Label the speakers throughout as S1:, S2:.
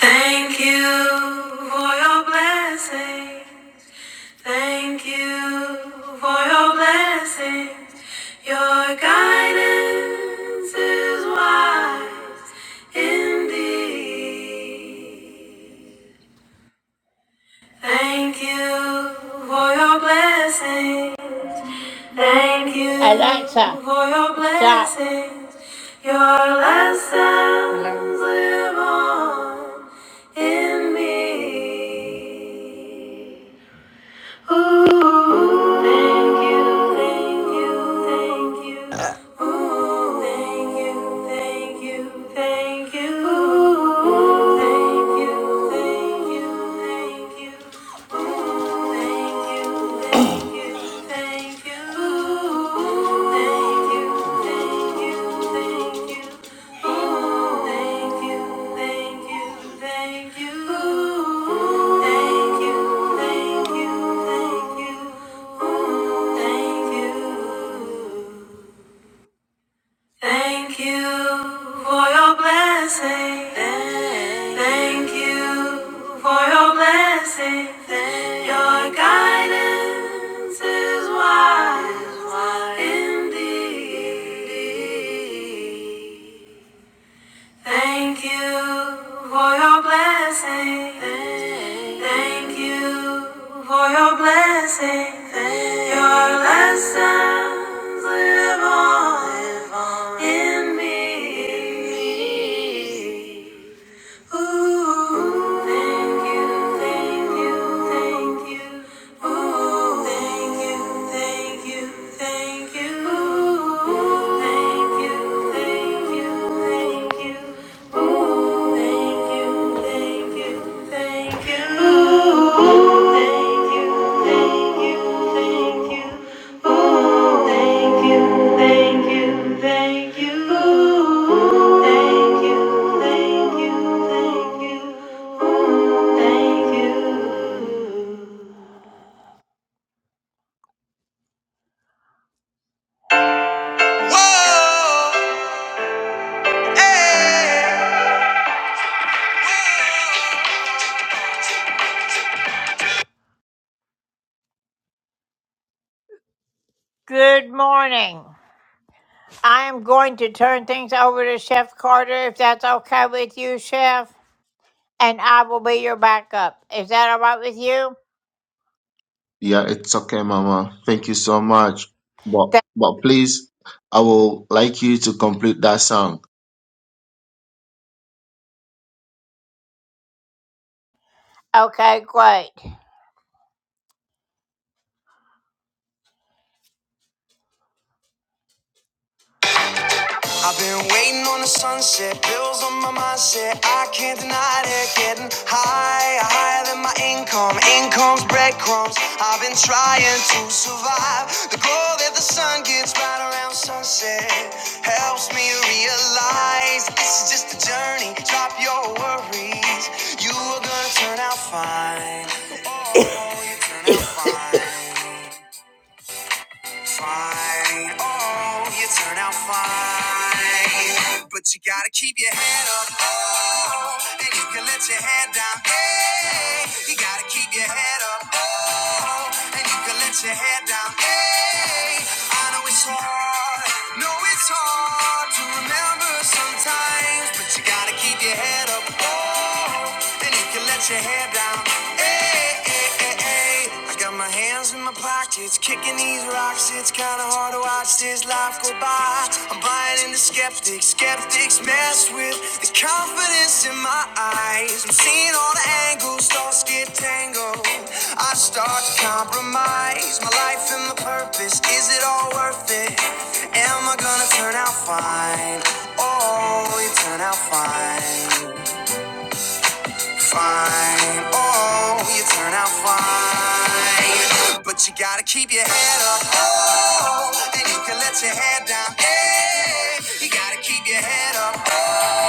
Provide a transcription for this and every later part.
S1: Thank you for your blessings. Thank you for your blessings. Your guidance is wise indeed. Thank you for your blessings. Thank you for your blessings. Your
S2: Hello
S1: lessons live on in me. Ooh, thank you, thank you, thank you. Ooh, thank you, thank you, thank you. Ooh, thank you, thank you, thank you. Thank you. Thank you for your blessing. Thank you for your blessing. Your guidance is wise, wise indeed. Thank you for your blessing. Thank you for your blessing. Your lessons live on in me. Thank you. Thank you, thank you, thank you. thank you. Whoa, hey.
S3: Yeah, it's okay, Mama. Thank you so much. But but please, I will like you to complete that song.
S1: I've been waiting on the sunset, bills on my mindset. I can't deny it, getting higher, higher than my income. Income's breadcrumbs. I've been trying to survive. The glow that the sun gets right around sunset helps me realize this is just a journey. Drop your worries, you are gonna turn out fine. Oh, you turn out fine fine. Oh, you turn out fine. But you gotta keep your head up. Oh, and you can let your head down. Hey, you gotta keep your head up. Oh, and you can let your head down. Hey, I know it's hard. No, it's hard to remember sometimes, but you gotta keep to keep your head up, oh, and you can let your hair down. Hey, hey, hey, hey. I got my hands in my pockets, kicking these rocks. It's kinda hard to watch this life go by. I'm buying into skeptics, skeptics mess with the confidence in my eyes. I'm seeing all the angles, thoughts get tangled. I start to compromise my life and my purpose. Is it all worth it? Am I gonna turn out fine? Oh, you turn out fine. Fine. Oh, you turn out fine. But you gotta keep your head up. Oh, and you can let your head down. Hey, you gotta keep your head up. oh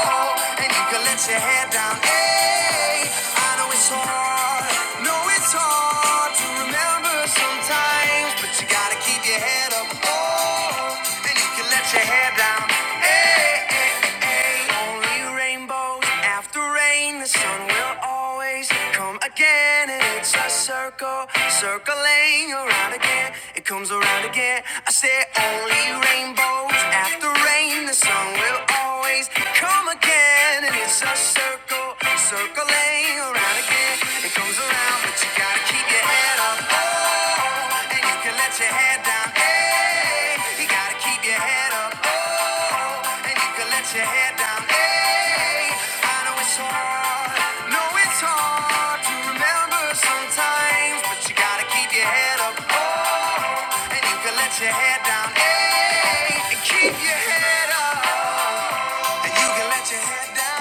S1: fall, and you can let your hair down. Hey, I know it's hard, know it's hard to remember sometimes, but you gotta keep your head up. Oh, and you can let your hair down. Hey, hey, hey. Only rainbows after rain, the sun will always come again, and it's a circle, circling around again. It comes around again. I say only rainbows after the rain, the sun will always come again. And it's a circle, circling around again. It comes around, but you gotta keep your head up. Oh, and you can let your head down. Hey, you gotta keep your head up. Oh, and you can let your hair down. Hey, I know it's hard, know it's hard to remember sometimes, but you gotta keep your head up. Oh, and you can let your hair down. Hey, and keep your head up, and you can let your head down.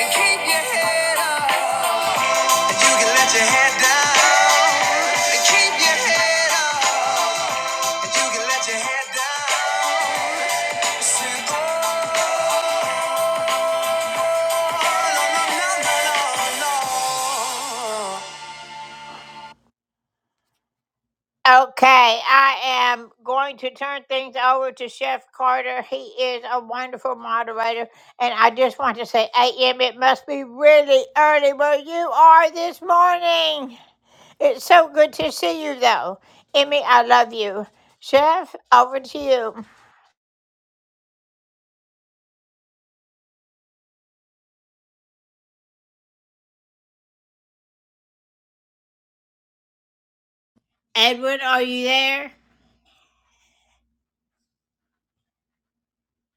S1: And keep your head up, and you can let your head down. And keep your head up, and you can let your head down. Listen, oh.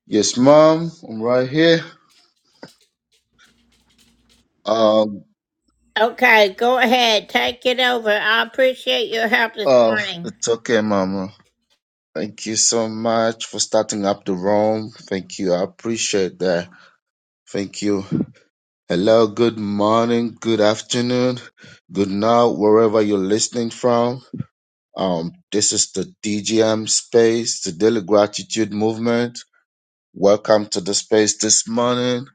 S3: Yes, Mom. I'm right here. Um. Oh, it's okay, Mama. Thank you so much for starting up the room. Thank you. I appreciate that. Thank you. Hello. Good morning. Good afternoon. Good night, wherever you're listening from. Um, this is the DGM space, the Daily Gratitude Movement. Welcome to the space this morning.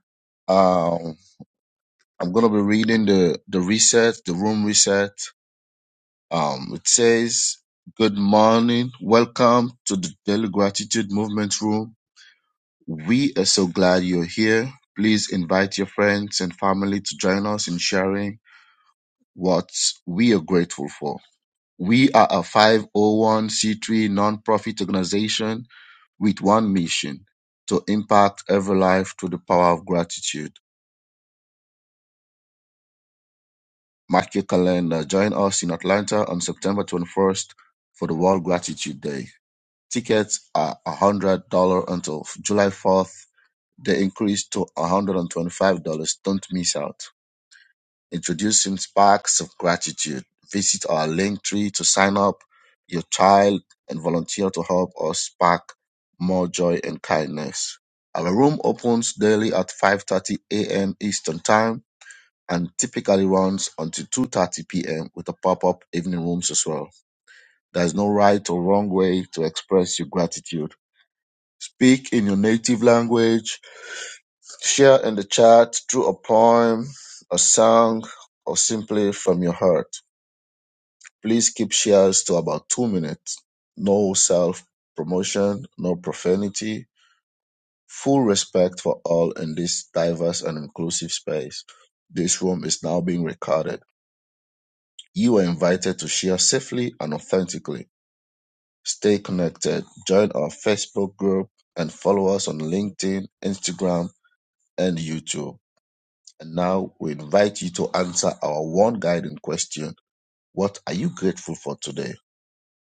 S3: Um, I'm going to be reading the, the reset, the room reset. Um, it says, Good morning. Welcome to the Daily Gratitude Movement Room. We are so glad you're here. Please invite your friends and family to join us in sharing what we are grateful for. We are a 501c3 nonprofit organization with one mission to impact every life through the power of gratitude. Mark your calendar. Join us in Atlanta on September 21st for the World Gratitude Day. Tickets are $100 until July 4th. They increase to $125. Don't miss out. Introducing Sparks of Gratitude. Visit our link tree to sign up your child and volunteer to help us spark more joy and kindness. Our room opens daily at 5:30 a.m. Eastern Time and typically runs until 2:30 p.m. with a pop-up evening rooms as well. There is no right or wrong way to express your gratitude. Speak in your native language, share in the chat through a poem, a song, or simply from your heart. Please keep shares to about 2 minutes. No self promotion, no profanity. Full respect for all in this diverse and inclusive space. This room is now being recorded You are invited to share safely and authentically. Stay connected. Join our Facebook group and follow us on LinkedIn, Instagram, and YouTube. And now we invite you to answer our one guiding question What are you grateful for today?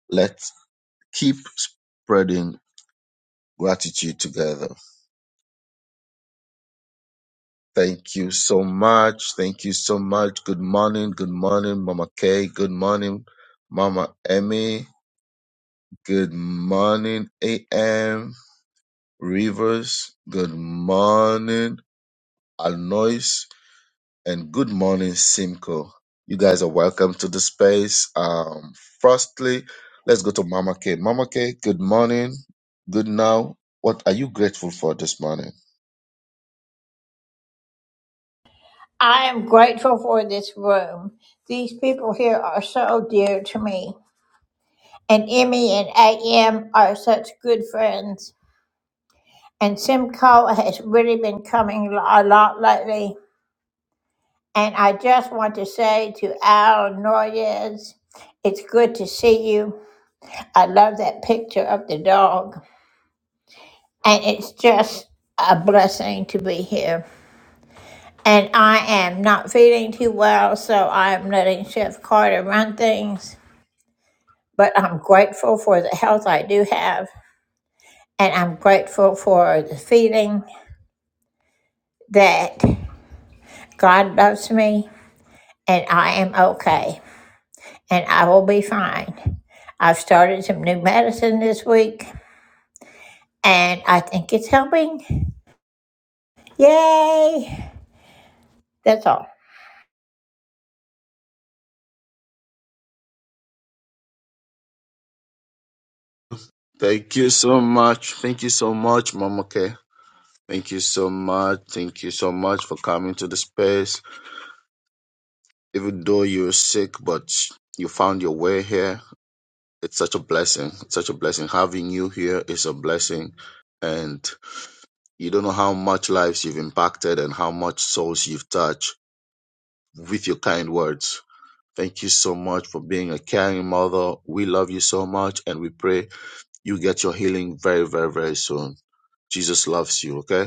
S3: Let's keep spreading gratitude together. Thank you so much. Thank you so much. Good morning. Good morning, Mama Kay. Good morning, Mama Emmy. Good morning, AM. Rivers, good morning, Alnois, and good morning, Simcoe. You guys are welcome to the space. Um, firstly, let's go to Mama K. Mama K, good morning, good now. What are you grateful for this morning? Thank you so much. Thank you so much, Mama K. Thank you so much. Thank you so much for coming to the space. Even though you're sick, but you found your way here. it's such a blessing. It's such a blessing. Having you here is a blessing. And you don't know how much lives you've impacted and how much souls you've touched with your kind words. Thank you so much for being a caring mother. We love you so much and we pray you get your healing very, very, very soon. Jesus loves you, okay?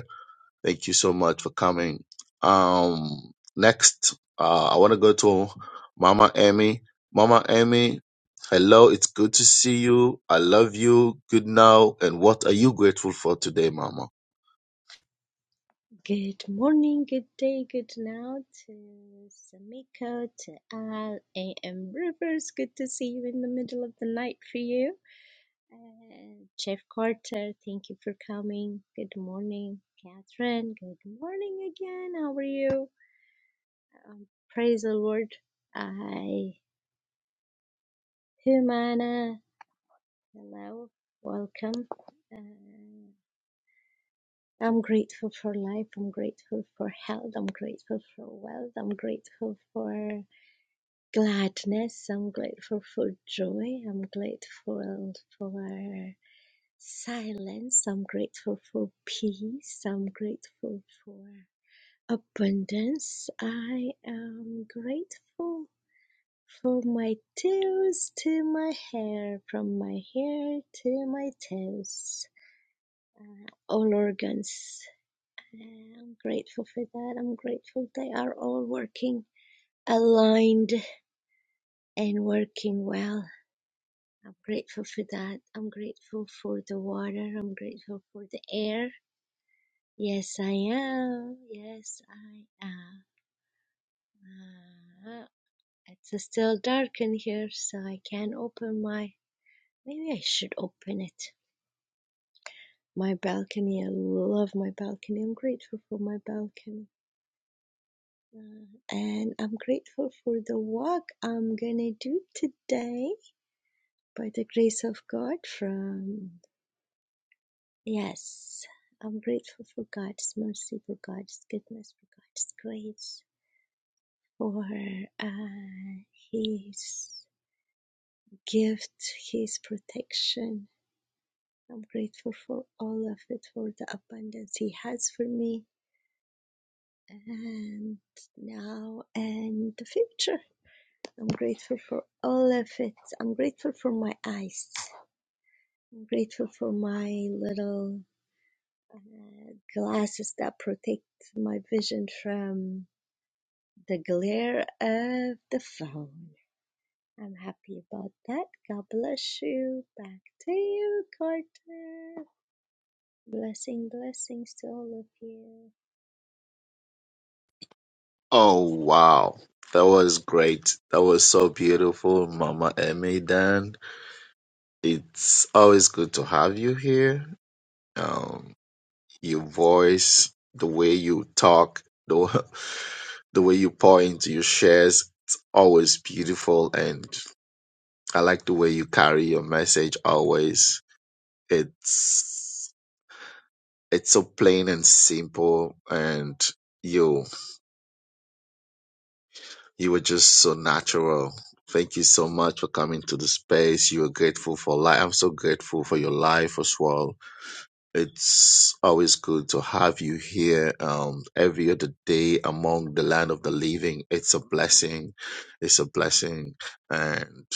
S3: Thank you so much for coming. Um, next, uh, I want to go to Mama Emmy. Mama Emmy, hello. It's good to see you. I love you. Good now. And what are you grateful for today, Mama?
S4: Good morning, good day, good now to Samiko, to Al, A.M. Rivers. Good to see you in the middle of the night for you. And Jeff Carter, thank you for coming. Good morning, Catherine. Good morning again. How are you? Um, praise the Lord. I, Humana, hello, welcome. Uh, I'm grateful for life. I'm grateful for health. I'm grateful for wealth. I'm grateful for gladness. I'm grateful for joy. I'm grateful for silence. I'm grateful for peace. I'm grateful for abundance. I am grateful for my toes to my hair, from my hair to my toes, all organs. I'm grateful for that. I'm grateful they are all working aligned and working well. I'm grateful for that. I'm grateful for the water. I'm grateful for the air. Yes, I am. Yes, I am. Ah, It's still dark in here, so I can't open my. Maybe I should open it. My balcony. I love my balcony. I'm grateful for my balcony. Uh, and I'm grateful for the walk I'm gonna do today by the grace of God from Yes, I'm grateful for God's mercy, for God's goodness, for God's grace, for uh, His gift, His protection. I'm grateful for all of it, for the abundance He has for me, and now and the future. I'm grateful for all of it. I'm grateful for my eyes. I'm grateful for my little uh, glasses that protect my vision from the glare of the phone. I'm happy about that. God bless you. Back to you, Carter. Blessing, blessings to all of you.
S3: Oh, wow. That was great. That was so beautiful, Mama Emmy. Dan, it's always good to have you here. Um, your voice, the way you talk, the the way you pour into your shares, it's always beautiful. And I like the way you carry your message always. It's, it's so plain and simple. And you, you were just so natural. Thank you so much for coming to the space. You are grateful for life. I'm so grateful for your life as well. It's always good to have you here um, every other day among the land of the living. It's a blessing. It's a blessing. And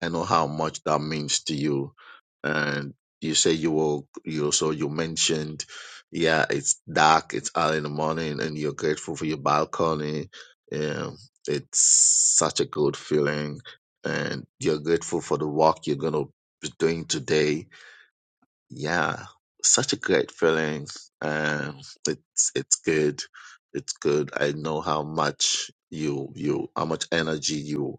S3: I know how much that means to you. And you say you will, you so you mentioned, yeah, it's dark, it's early in the morning, and you're grateful for your balcony. Yeah, it's such a good feeling, and you're grateful for the walk you're gonna be doing today. Yeah, such a great feeling, and it's it's good. It's good. I know how much you you how much energy you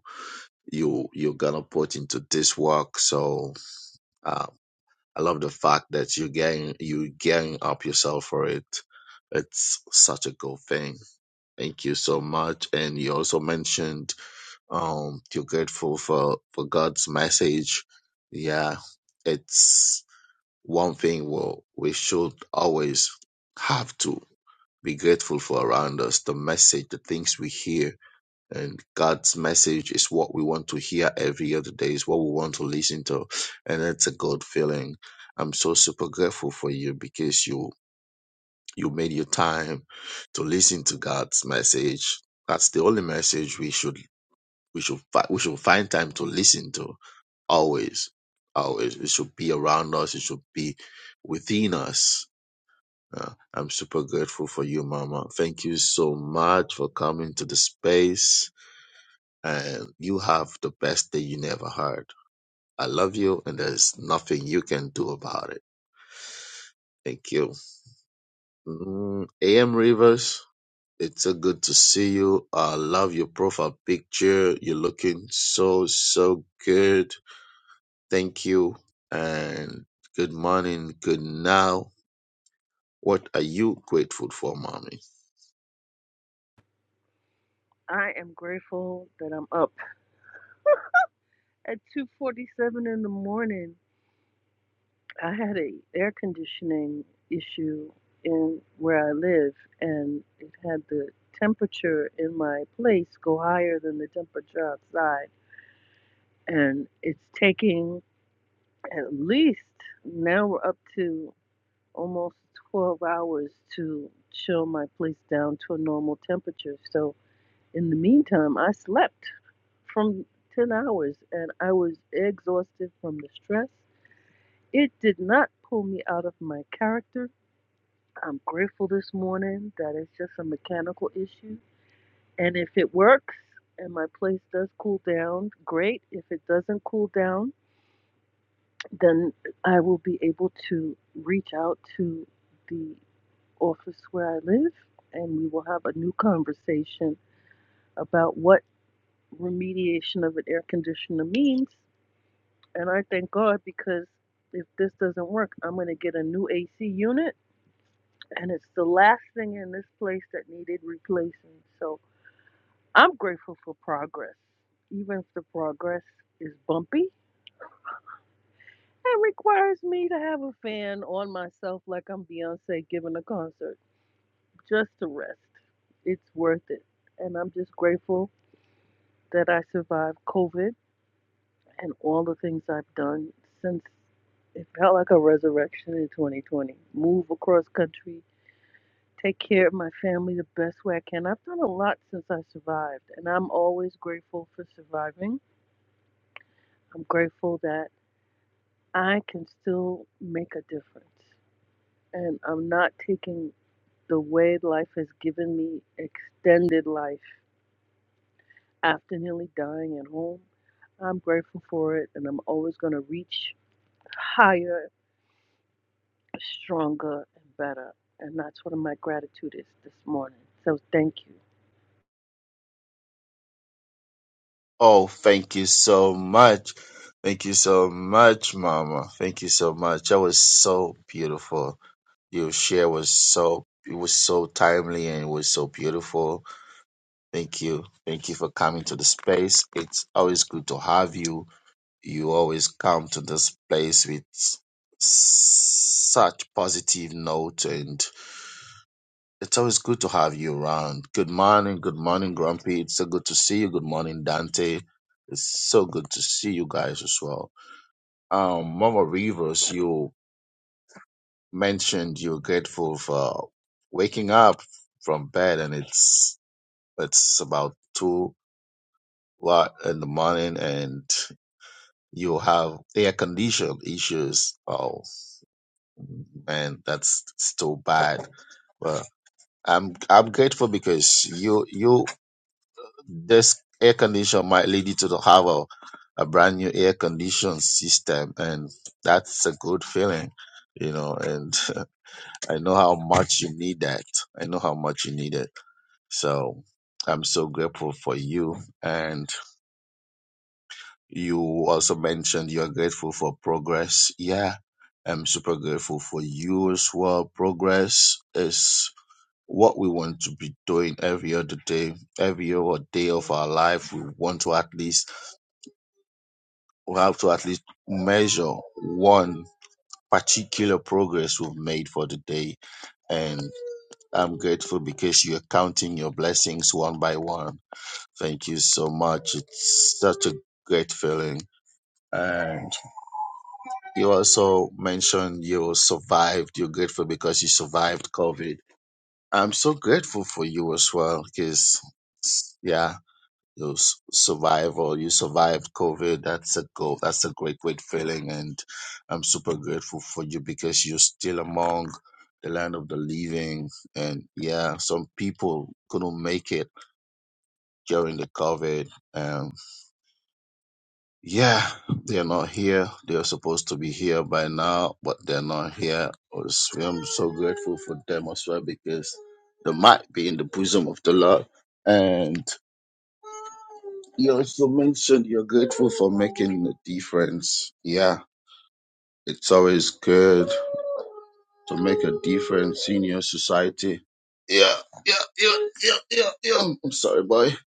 S3: you you're gonna put into this work. So um, I love the fact that you're getting you gearing up yourself for it. It's such a good thing. Thank you so much. And you also mentioned um you're grateful for for God's message. Yeah, it's one thing we we should always have to be grateful for around us. The message, the things we hear and God's message is what we want to hear every other day, is what we want to listen to, and it's a good feeling. I'm so super grateful for you because you you made your time to listen to God's message. That's the only message we should we should fi- we should find time to listen to always, always. It should be around us. It should be within us. Uh, I'm super grateful for you, Mama. Thank you so much for coming to the space and you have the best day you never heard. I love you, and there's nothing you can do about it. Thank you. Mm, AM Rivers, it's so good to see you. I love your profile picture. You're looking so, so good. Thank you, and good morning, good now. What are you grateful for, mommy?
S5: I am grateful that I'm up at 2:47 in the morning. I had an air conditioning issue in where I live and it had the temperature in my place go higher than the temperature outside and it's taking at least now we're up to almost 12 hours to chill my place down to a normal temperature. So in the meantime, I slept from 10 hours and I was exhausted from the stress. It did not pull me out of my character. I'm grateful this morning that it's just a mechanical issue. And if it works and my place does cool down, great. If it doesn't cool down, then I will be able to reach out to the office where I live and we will have a new conversation about what remediation of an air conditioner means And I thank God because if this doesn't work, I'm going to get a new AC unit. And it's the last thing in this place that needed replacing. So I'm grateful for progress, even if the progress is bumpy It requires me to have a fan on myself like I'm Beyonce giving a concert just to rest. It's worth it. And I'm just grateful that I survived COVID and all the things I've done since it felt like a resurrection in 2020. Move across country, take care of my family the best way I can. I've done a lot since I survived, and I'm always grateful for surviving. I'm grateful that I can still make a difference, and I'm not taking the way life has given me extended life after nearly dying at home. I'm grateful for it, and I'm always going to reach higher stronger and better. And that's what my gratitude is this morning. So thank you.
S3: Oh, thank you so much. Thank you so much, mama. Thank you so much. That was so beautiful. Your share was so it was so timely and it was so beautiful. Thank you. Thank you for coming to the space. It's always good to have you. You always come to this place with s- such positive note and it's always good to have you around. Good morning, good morning, Grumpy. It's so good to see you. Good morning, Dante. It's so good to see you guys as well. Um, Mama Rivers, you mentioned you're grateful for waking up from bed and it's it's about two lot in the morning and you have air condition issues. Oh man, that's still bad. But I'm I'm grateful because you you this air condition might lead you to the- have a, a brand new air condition system and that's a good feeling, you know, and I know how much you need that. I know how much you need it. So I'm so grateful for you. And you also mentioned you're grateful for progress. Yeah, I'm super grateful for you as well. Progress is what we want to be doing every other day, every other day of our life. We want to at least, we have to at least measure one particular progress we've made for the day and. I'm grateful because you're counting your blessings one by one. Thank you so much. It's such a great feeling. And you also mentioned you survived. You're grateful because you survived COVID. I'm so grateful for you as well because, yeah, you s- survival you survived covid that's a goal that's a great great feeling and i'm super grateful for you because you're still among the land of the living and yeah some people couldn't make it during the covid um yeah they're not here they're supposed to be here by now but they're not here It's- i'm so grateful for them as well because they might be in the bosom of the lord and. You also mentioned you're grateful for making a difference. Yeah, it's always good to make a difference in your society. Yeah, yeah, yeah, yeah, yeah, yeah. I'm sorry, boy. I'm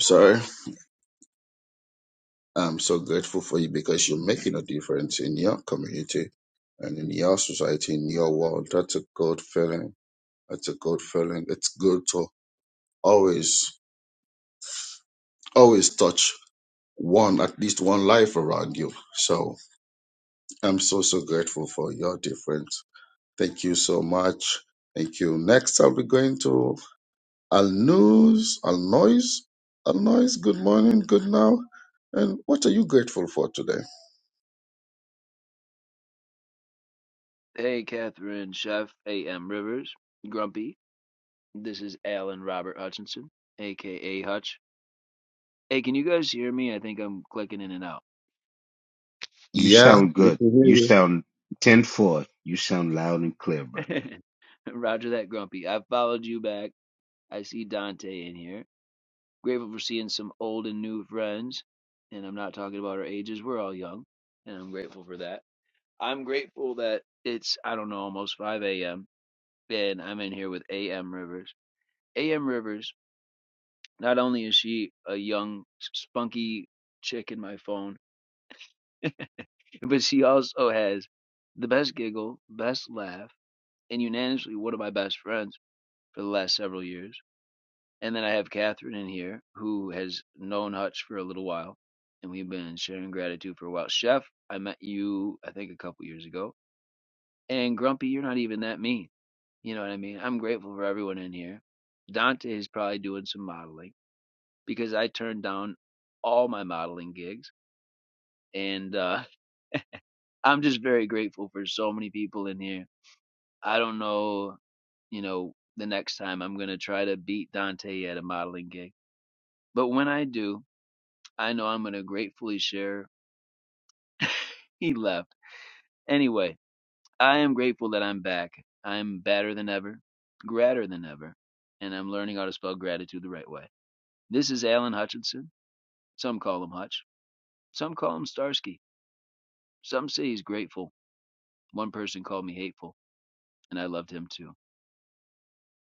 S3: sorry. I'm so grateful for you because you're making a difference in your community and in your society, in your world. That's a good feeling. That's a good feeling. It's good to always, always touch one, at least one life around you. So I'm so, so grateful for your difference Thank you so much. Thank you. Next, I'll be going to Al News, Al Noise. Al Noise, good morning, good now. And what are you grateful for today?
S6: Hey, Catherine, Chef A.M. Rivers, Grumpy. This is Alan Robert Hutchinson, aka Hutch. Hey, can you guys hear me? I think I'm clicking in and out.
S7: You
S3: Yeah,
S7: sound
S3: we
S7: good.
S3: can hear
S7: You
S3: you.
S7: sound ten four. You sound loud and clear, brother.
S6: Roger that, Grumpy. I have followed you back. I see Dante in here. Grateful for seeing some old and new friends. And I'm not talking about our ages. We're all young. And I'm grateful for that. I'm grateful that it's, I don't know, almost 5 a.m. And I'm in here with A.M. Rivers. A.M. Rivers Not only is she a young, spunky chick in my phone, but she also has the best giggle, best laugh, and unanimously one of my best friends for the last several years. And then I have Catherine in here, who has known Hutch for a little while, and we've been sharing gratitude for a while. Chef, I met you, I think, a couple years ago. And Grumpy, you're not even that mean. You know what I mean? I'm grateful for everyone in here. Dante is probably doing some modeling because I turned down all my modeling gigs and uh, I'm just very grateful for so many people in here. I don't know, you know, the next time I'm gonna try to beat Dante at a modeling gig, but when I do, I know I'm gonna gratefully share. He left anyway. I am grateful that I'm back. I'm better than ever, gratter than ever, and I'm learning how to spell gratitude the right way. This is Alan Hutchinson. Some call him Hutch. Some call him Starsky. Some say he's grateful. One person called me hateful, and I loved him too.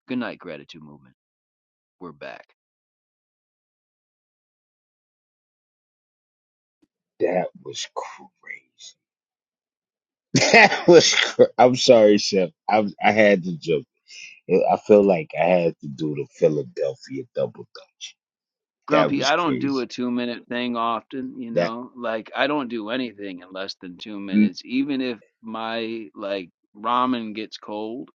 S6: Good night, gratitude movement. we're back.
S7: That was crazy. That was. Cr- I'm sorry, Chef. I I had to jump. I feel like I had to do the Philadelphia double dutch. That
S6: Grumpy,
S7: was
S6: I don't do
S7: crazy.
S6: a two minute thing often, you
S7: That
S6: know? Like, I don't do anything in less than two minutes. Even if my, like, ramen gets cold,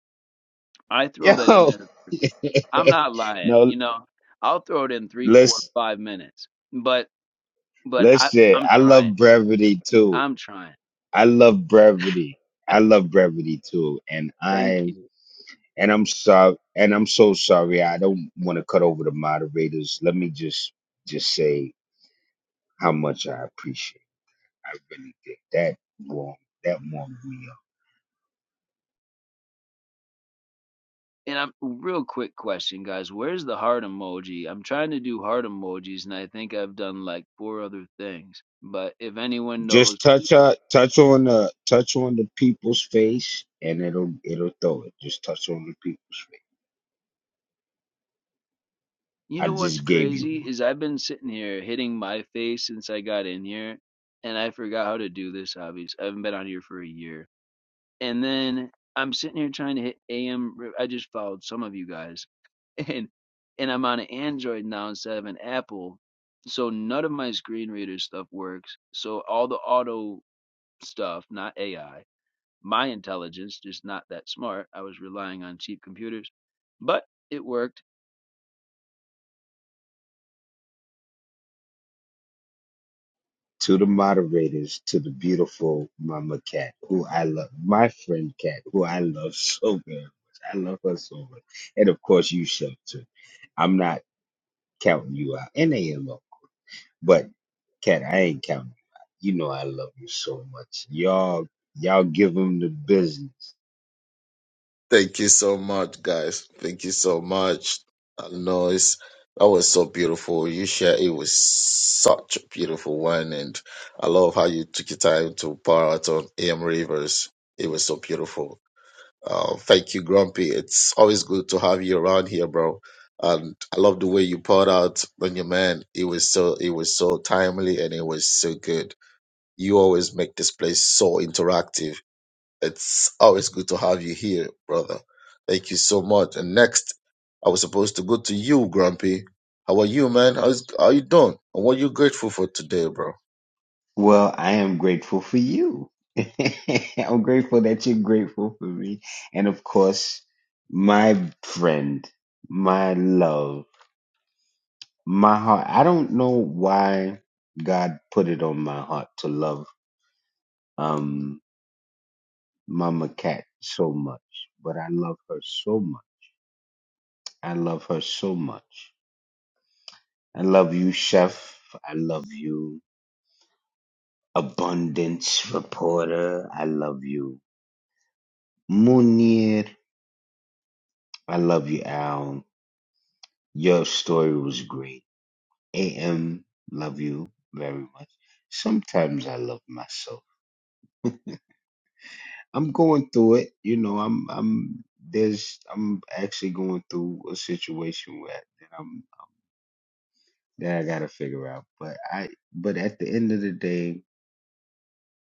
S6: I throw that in
S7: yo.
S6: there. I'm not lying,
S7: no,
S6: you know? I'll throw it in three, four,
S7: let's
S6: five minutes. But, but I,
S7: listen.
S6: I'm
S7: I
S6: trying.
S7: love brevity too.
S6: I'm trying.
S7: I love brevity. I love brevity too, and I
S6: Thank you.
S7: And I'm sorry, and I'm so sorry. I don't want to cut over the moderators. Let me just just say how much I appreciate. I really did that warm that warmed me up.
S6: And I'm real quick question, guys. Where's the heart emoji? I'm trying to do heart emojis, and I think I've done like four other things. But if anyone knows,
S7: Just touch on touch on the touch on the people's face, and it'll it'll throw it. Just touch on the people.
S6: You
S7: I
S6: know what's
S7: just gave you
S6: crazy
S7: one.
S6: is I've been sitting here hitting my face since I got in here, and I forgot how to do this. Obviously, I haven't been on here for a year, and then I'm sitting here trying to hit AM. re- I just followed some of you guys, and and I'm on an Android now instead of an Apple, so none of my screen reader stuff works. So all the auto stuff, not AI, my intelligence, just not that smart. I was relying on cheap computers, but it worked
S7: To the moderators, to the beautiful Mama Cat, who I love, my friend Cat, who I love so very much. I love her so much, and of course you should too. I'm not. counting you out. And they in love. But Cat, I ain't counting you out. You know I love you so much. Y'all y'all give them the business.
S3: Thank you so much, guys. Thank you so much, Al Noise. That was so beautiful. You share it was such a beautiful one, and I love how you took your time to pour out on AM Rivers. It was so beautiful. Oh, thank you, Grumpy. It's always good to have you around here, bro. And I love the way you poured out on your man. It was so it was so timely and it was so good. You always make this place so interactive. It's always good to have you here, brother. Thank you so much. And next, I was supposed to go to you, Grumpy. How are you, man? How's how you doing? And what you grateful for today, bro?
S7: Well, I am grateful for you. I'm grateful that you're grateful for me. And of course, my friend, my love, my heart. I don't know why God put it on my heart to love um Mama Cat so much, but I love her so much. I love her so much. I love you, chef. I love you, abundance reporter. I love you, Munir. I love you, Al. Your story was great. AM, love you very much. Sometimes I love myself. I'm going through it. You know, I'm, I'm, there's, I'm actually going through a situation where that I'm, that I gotta figure out. But I, but at the end of the day,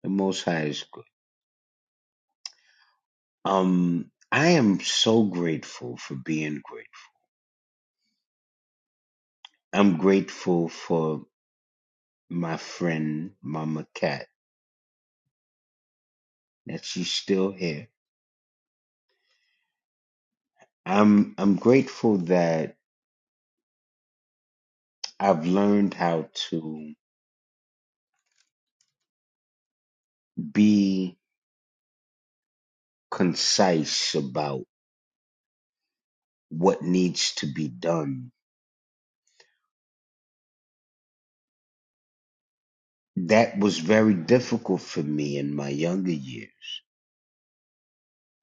S7: the Most High is good. Um, I am so grateful for being grateful. I'm grateful for my friend Mama Cat that she's still here. I'm I'm grateful that I've learned how to be concise about what needs to be done. That was very difficult for me in my younger years.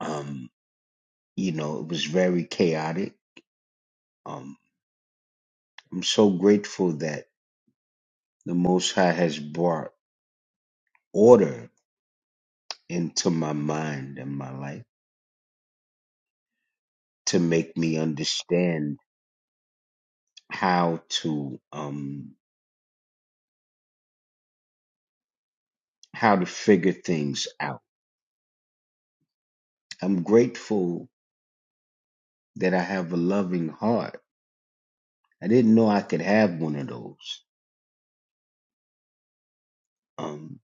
S7: Um, you know, it was very chaotic. Um, I'm so grateful that the Most High has brought order into my mind and my life to make me understand how to um how to figure things out. I'm grateful that I have a loving heart. I didn't know I could have one of those. Um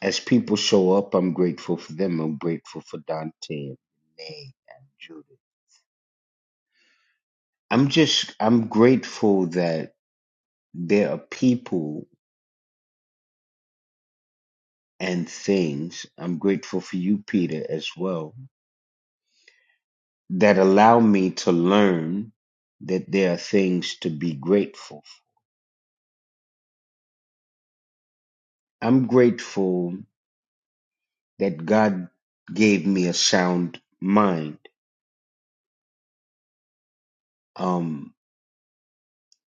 S7: as people show up, I'm grateful for them. I'm grateful for Dante and Renee and Judith. I'm just I'm grateful that there are people and things. I'm grateful for you, Peter, as well that allow me to learn that there are things to be grateful for. I'm grateful that God gave me a sound mind. Um,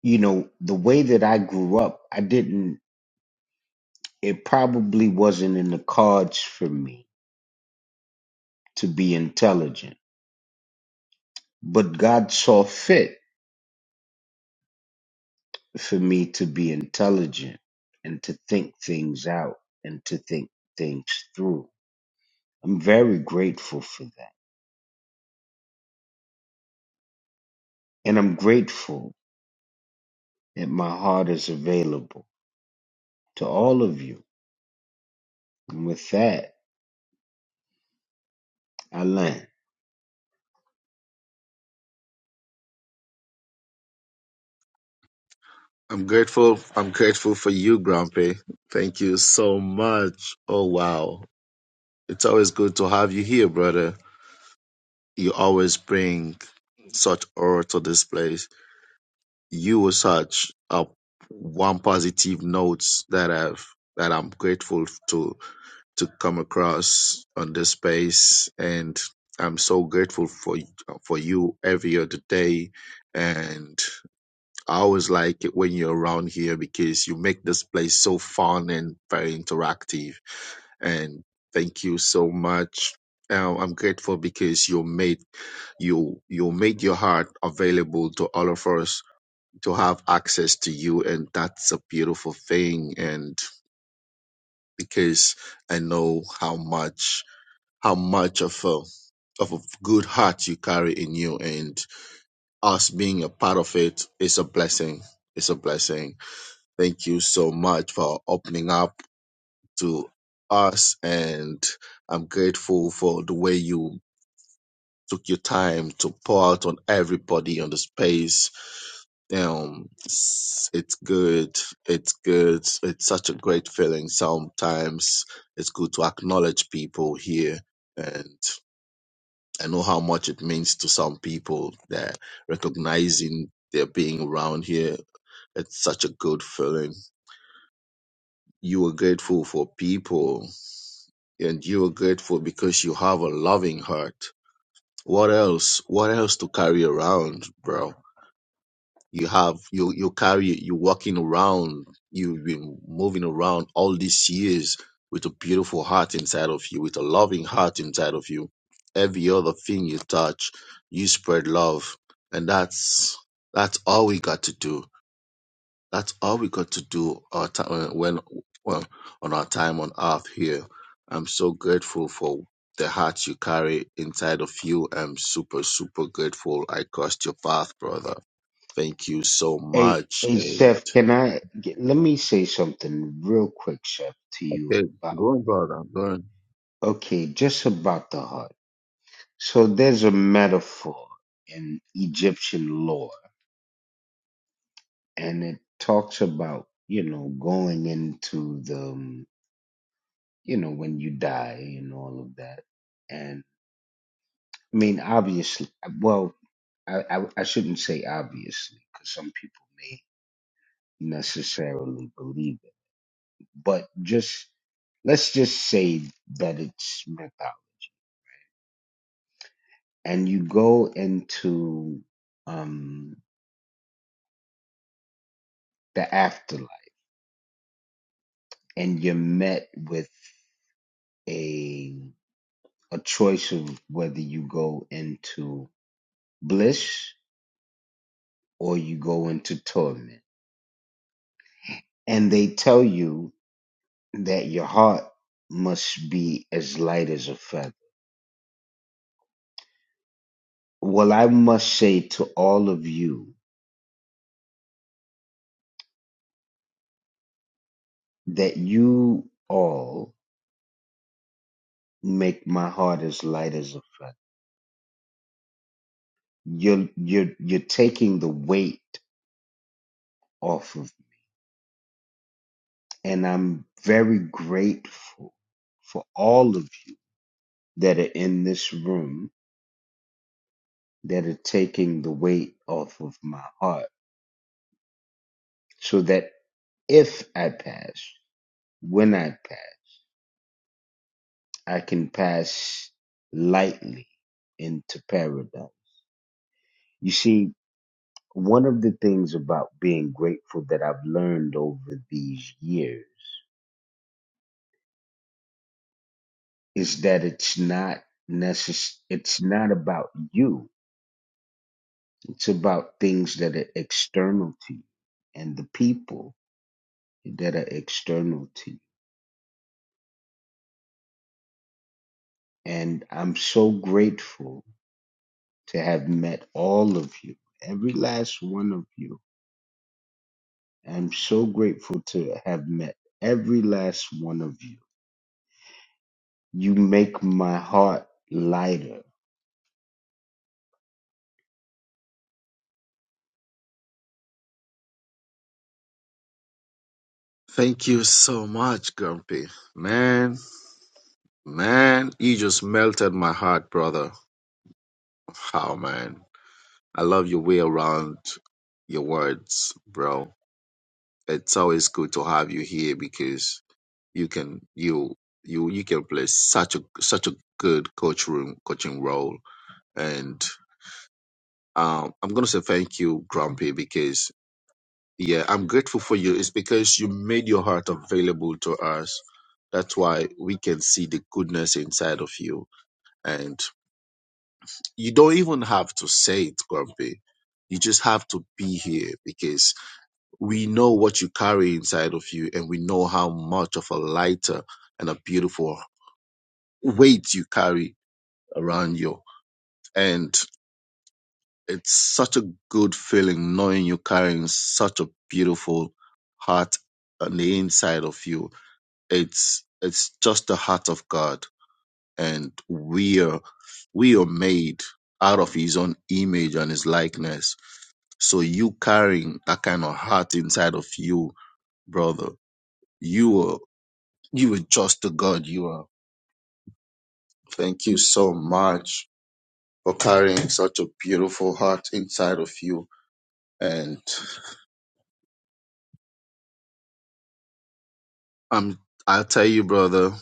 S7: you know, the way that I grew up, I didn't, it probably wasn't in the cards for me to be intelligent, but God saw fit for me to be intelligent and to think things out and to think things through. I'm very grateful for that. And I'm grateful that my heart is available to all of you. And with that, I land.
S3: I'm grateful. I'm grateful for you, Grumpy. Thank you so much. Oh wow. It's always good to have you here, brother. You always bring such aura to this place. You were such a one positive notes that I've that I'm grateful to to come across on this space, and I'm so grateful for for you every other day, and I always like it when you're around here because you make this place so fun and very interactive. And thank you so much. Um, I'm grateful because you made you you made your heart available to all of us to have access to you, and that's a beautiful thing. And because I know how much how much of a of a good heart you carry in you, and us being a part of it is a blessing. It's a blessing Thank you so much for opening up to us. And I'm grateful for the way you took your time to pour out on everybody on the space. Um, it's it's good. It's good. It's such a great feeling. Sometimes it's good to acknowledge people here. And I know how much it means to some people that recognizing they're being around here. It's such a good feeling You are grateful for people and you are grateful because you have a loving heart. What else? What else to carry around, bro? You have you you carry you walking around. You've been moving around all these years with a beautiful heart inside of you, with a loving heart inside of you. Every other thing you touch, you spread love, and that's that's all we got to do that's all we got to do our time when well on our time on earth here. I'm so grateful for the heart you carry inside of you. I'm super super grateful. I crossed your path, brother. Thank you so
S7: Hey,
S3: much.
S7: hey,
S3: And
S7: Chef, can I get, let me say something real quick, Chef, to you
S3: okay,
S7: about
S3: go on, brother. Go on.
S7: okay, just about the heart. So there's a metaphor in Egyptian lore, and it talks about you know going into the um, you know when you die and all of that. And I mean, obviously, well, I I, I shouldn't say obviously because some people may necessarily believe it, but just let's just say that it's myth out and you go into um the afterlife and you're met with a a choice of whether you go into bliss or you go into torment and they tell you that your heart must be as light as a feather well i must say to all of you that you all make my heart as light as a feather. You're you're you're taking the weight off of me. And I'm very grateful for all of you that are in this room that are taking the weight off of my heart so that if I pass, when I pass, I can pass lightly into paradise. You see, one of the things about being grateful that I've learned over these years is that it's not necess- it's not about you. It's about things that are external to you and the people that are external to you. And I'm so grateful to have met all of you, every last one of you. I'm so grateful to have met every last one of you. You make my heart lighter
S3: Thank you so much, Grumpy. Man, man, you just melted my heart, brother. How man. I love your way around your words, bro. it's always good to have you here because you can you you you can play such a such a good coach room coaching role and um i'm gonna say thank you grumpy because yeah i'm grateful for you it's because you made your heart available to us that's why we can see the goodness inside of you and you don't even have to say it grumpy you just have to be here because. we know what you carry inside of you and we know how much of a lighter and a beautiful weight you carry around you and it's such a good feeling knowing you're carrying such a beautiful heart on the inside of you it's it's just the heart of god and we are we are made out of his own image and his likeness so you carrying that kind of heart inside of you brother you are. You are just the God you are. Thank you so much for carrying such a beautiful heart inside of you. And I'm I'll tell you, brother,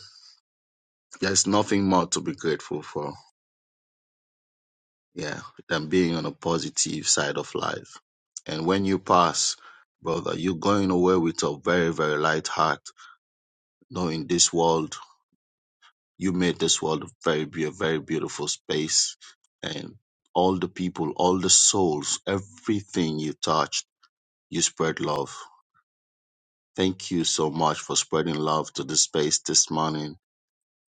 S3: there's nothing more to be grateful for. Yeah. Than being on a positive side of life. And when you pass, brother, you're going away with a very, very light heart, knowing this world, you made this world a very be a very beautiful space. And all the people, all the souls, everything you touched. You spread love. Thank you so much for spreading love to this space this morning.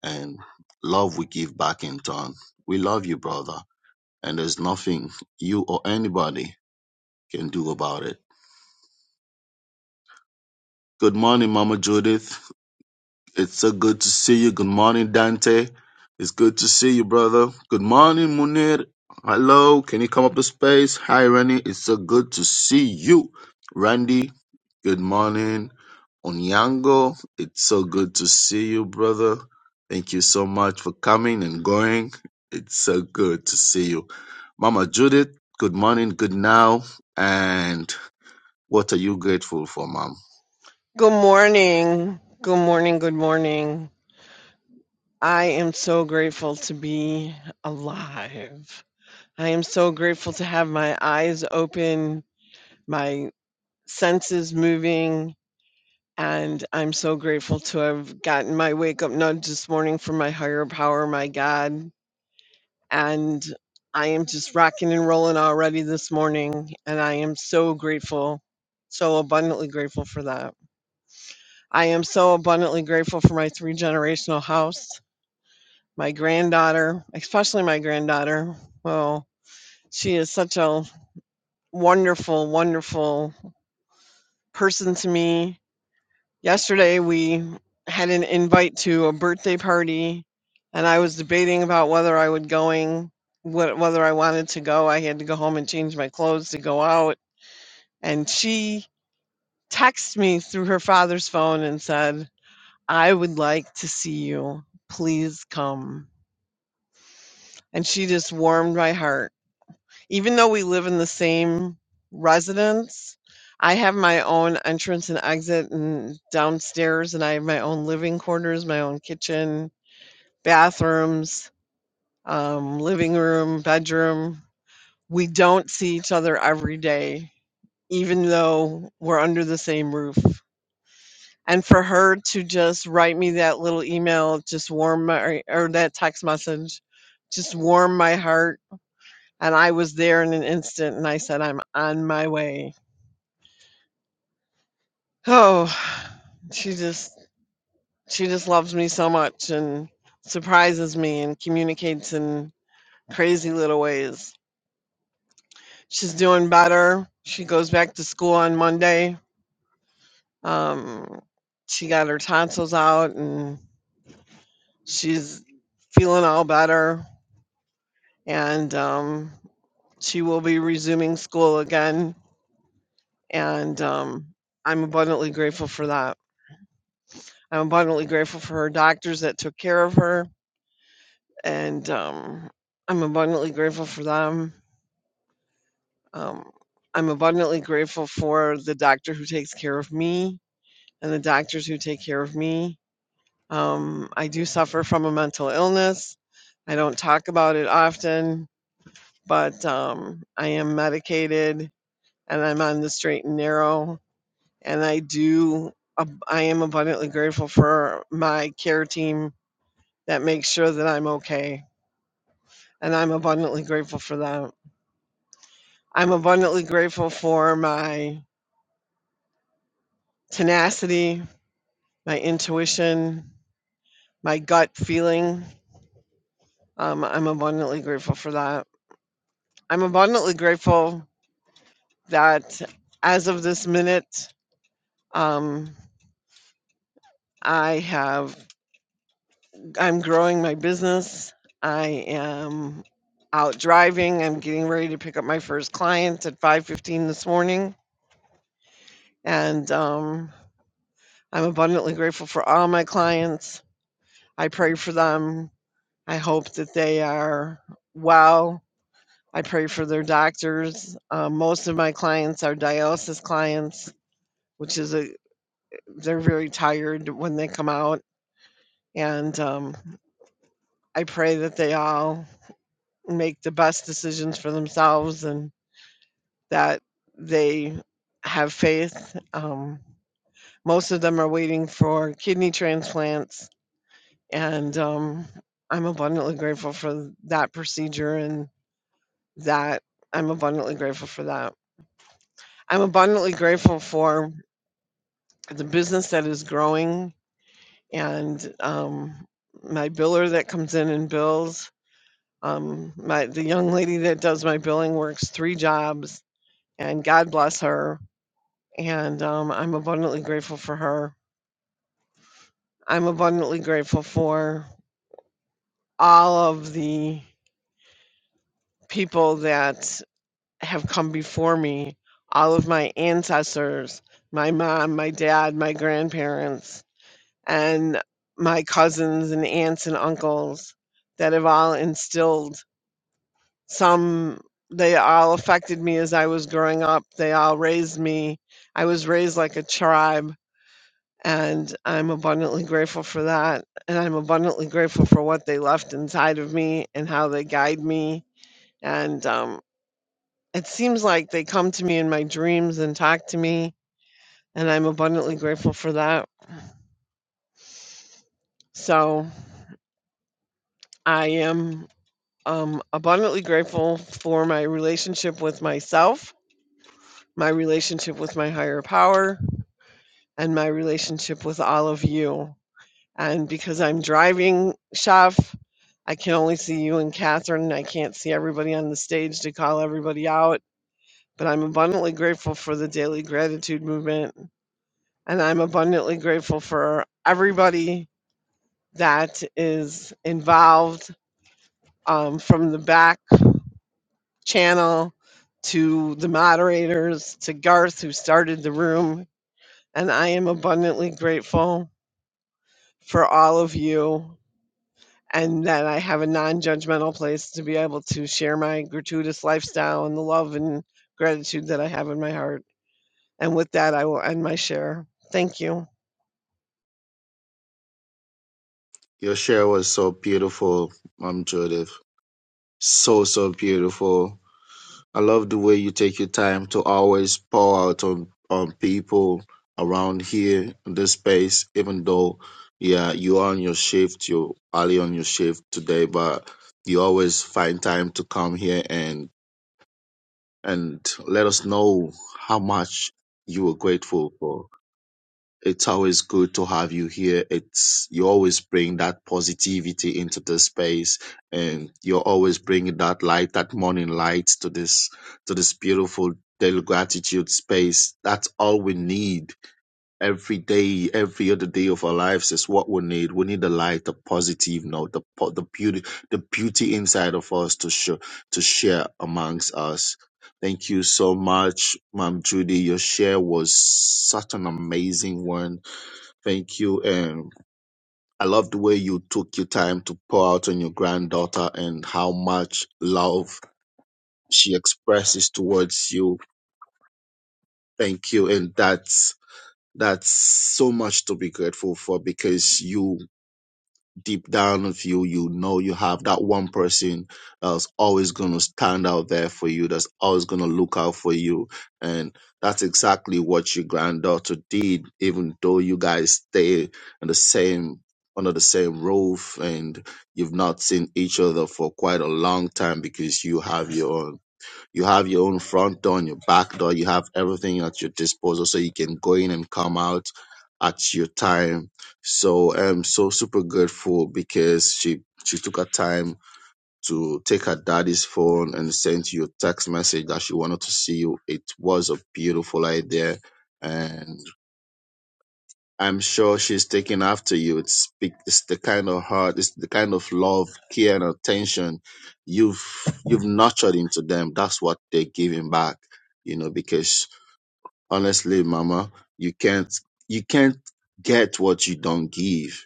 S3: And love we give back in turn. We love you, brother. And there's nothing you or anybody can do about it. Good morning, Mama Judith. It's so good to see you. Good morning, Dante. It's good to see you, brother. Good morning, Munir. Hello. Can you come up to space? Hi, Randy. It's so good to see you. Randy, good morning. Onyango, it's so good to see you, brother. Thank you so much for coming and going. It's so good to see you. Mama Judith, good morning, good now. And what are you grateful for, Mom?
S8: Good morning. Good morning. Good morning. I am so grateful to be alive. I am so grateful to have my eyes open, my senses moving, and I'm so grateful to have gotten my wake up nudge this morning from my higher power, my God. And I am just rocking and rolling already this morning, and I am so grateful, so abundantly grateful for that. I am so abundantly grateful for my three generational house. My granddaughter, especially my granddaughter, well, she is such a wonderful, wonderful person to me. Yesterday, we had an invite to a birthday party, and I was debating about whether I would going, wh- whether I wanted to go. I had to go home and change my clothes to go out, and she texted me through her father's phone and said, "I would like to see you. Please come." And she just warmed my heart Even though we live in the same residence, I have my own entrance and exit and downstairs and I have my own living quarters, my own kitchen, bathrooms, um, living room, bedroom. We don't see each other every day, even though we're under the same roof. And for her to just write me that little email, just warm my, or that text message, just warm my heart. And I was there in an instant and I said, I'm on my way Oh, she just she just loves me so much and surprises me and communicates in crazy little ways. She's doing better. She goes back to school on Monday. Um, she got her tonsils out and she's feeling all better. And um, she will be resuming school again. And um, I'm abundantly grateful for that. I'm abundantly grateful for her doctors that took care of her and um, I'm abundantly grateful for them. Um, I'm abundantly grateful for the doctor who takes care of me and the doctors who take care of me. Um, I do suffer from a mental illness. I don't talk about it often, but um, I am medicated and I'm on the straight and narrow. And I do, ab- I am abundantly grateful for my care team that makes sure that I'm okay. And I'm abundantly grateful for that. I'm abundantly grateful for my tenacity, my intuition, my gut feeling. Um, I'm abundantly grateful for that. I'm abundantly grateful that as of this minute, um, I have, I'm growing my business. I am out driving. I'm getting ready to pick up my first client at 5:15 this morning, and um, I'm abundantly grateful for all my clients. I pray for them I hope that they are well. I pray for their doctors. Uh, most of my clients are dialysis clients, which is a they're very tired when they come out, and um, I pray that they all make the best decisions for themselves and that they have faith. Um, most of them are waiting for kidney transplants, and um, I'm abundantly grateful for that procedure and That I'm abundantly grateful for that. I'm abundantly grateful for the business that is growing and um, my biller that comes in and bills. Um, my the young lady that does my billing works three jobs, and God bless her. And um, I'm abundantly grateful for her. I'm abundantly grateful for all of the people that have come before me, all of my ancestors, my mom, my dad, my grandparents, and my cousins and aunts and uncles that have all instilled some, they all affected me as I was growing up. They all raised me. I was raised like a tribe, and I'm abundantly grateful for that. And I'm abundantly grateful for what they left inside of me and how they guide me. And um, it seems like they come to me in my dreams and talk to me, and I'm abundantly grateful for that. So I am um, abundantly grateful for my relationship with myself, my relationship with my higher power, and my relationship with all of you. And because I'm driving, Chef, I can only see you and Catherine. I can't see everybody on the stage to call everybody out, but I'm abundantly grateful for the daily gratitude movement And I'm abundantly grateful for everybody that is involved um, from the back channel to the moderators to Garth, who started the room. And I am abundantly grateful for all of you and that I have a non judgmental place to be able to share my gratuitous lifestyle and the love and gratitude that I have in my heart. And with that, I will end my share. Thank you.
S3: Your share was so beautiful, Mom Judith. So, so beautiful. I love the way you take your time to always pour out on, on people around here in this space, even though, yeah, you are on your shift, you're early on your shift today, but you always find time to come here and, and let us know how much you were grateful for. It's always good to have you here. It's you always bring that positivity into the space, and you're always bringing that light, that morning light to this to this beautiful daily gratitude space. That's all we need every day, every other day of our lives is what we need. We need the light, the positive note, the po- the beauty, the beauty inside of us to show to share amongst us. Thank you so much, Mom Judy. Your share was such an amazing one Thank you. And I love the way you took your time to pour out on your granddaughter and how much love she expresses towards you. Thank you. And that's that's so much to be grateful for because you deep down of you, you know you have that one person that's always going to stand out there for you, that's always going to look out for you. And that's exactly what your granddaughter did, even though you guys stay in the same under the same roof and you've not seen each other for quite a long time because you have your own. You have your own front door and your back door. You have everything at your disposal, so you can go in and come out at your time. So I'm so super grateful because she she took her time to take her daddy's phone and sent you a text message that she wanted to see you. It was a beautiful idea, and I'm sure she's taking after you. It's, big- it's the kind of heart, it's the kind of love, care, and attention you've you've nurtured into them. That's what they're giving back, you know. Because honestly, Mama, you can't you can't get what you don't give.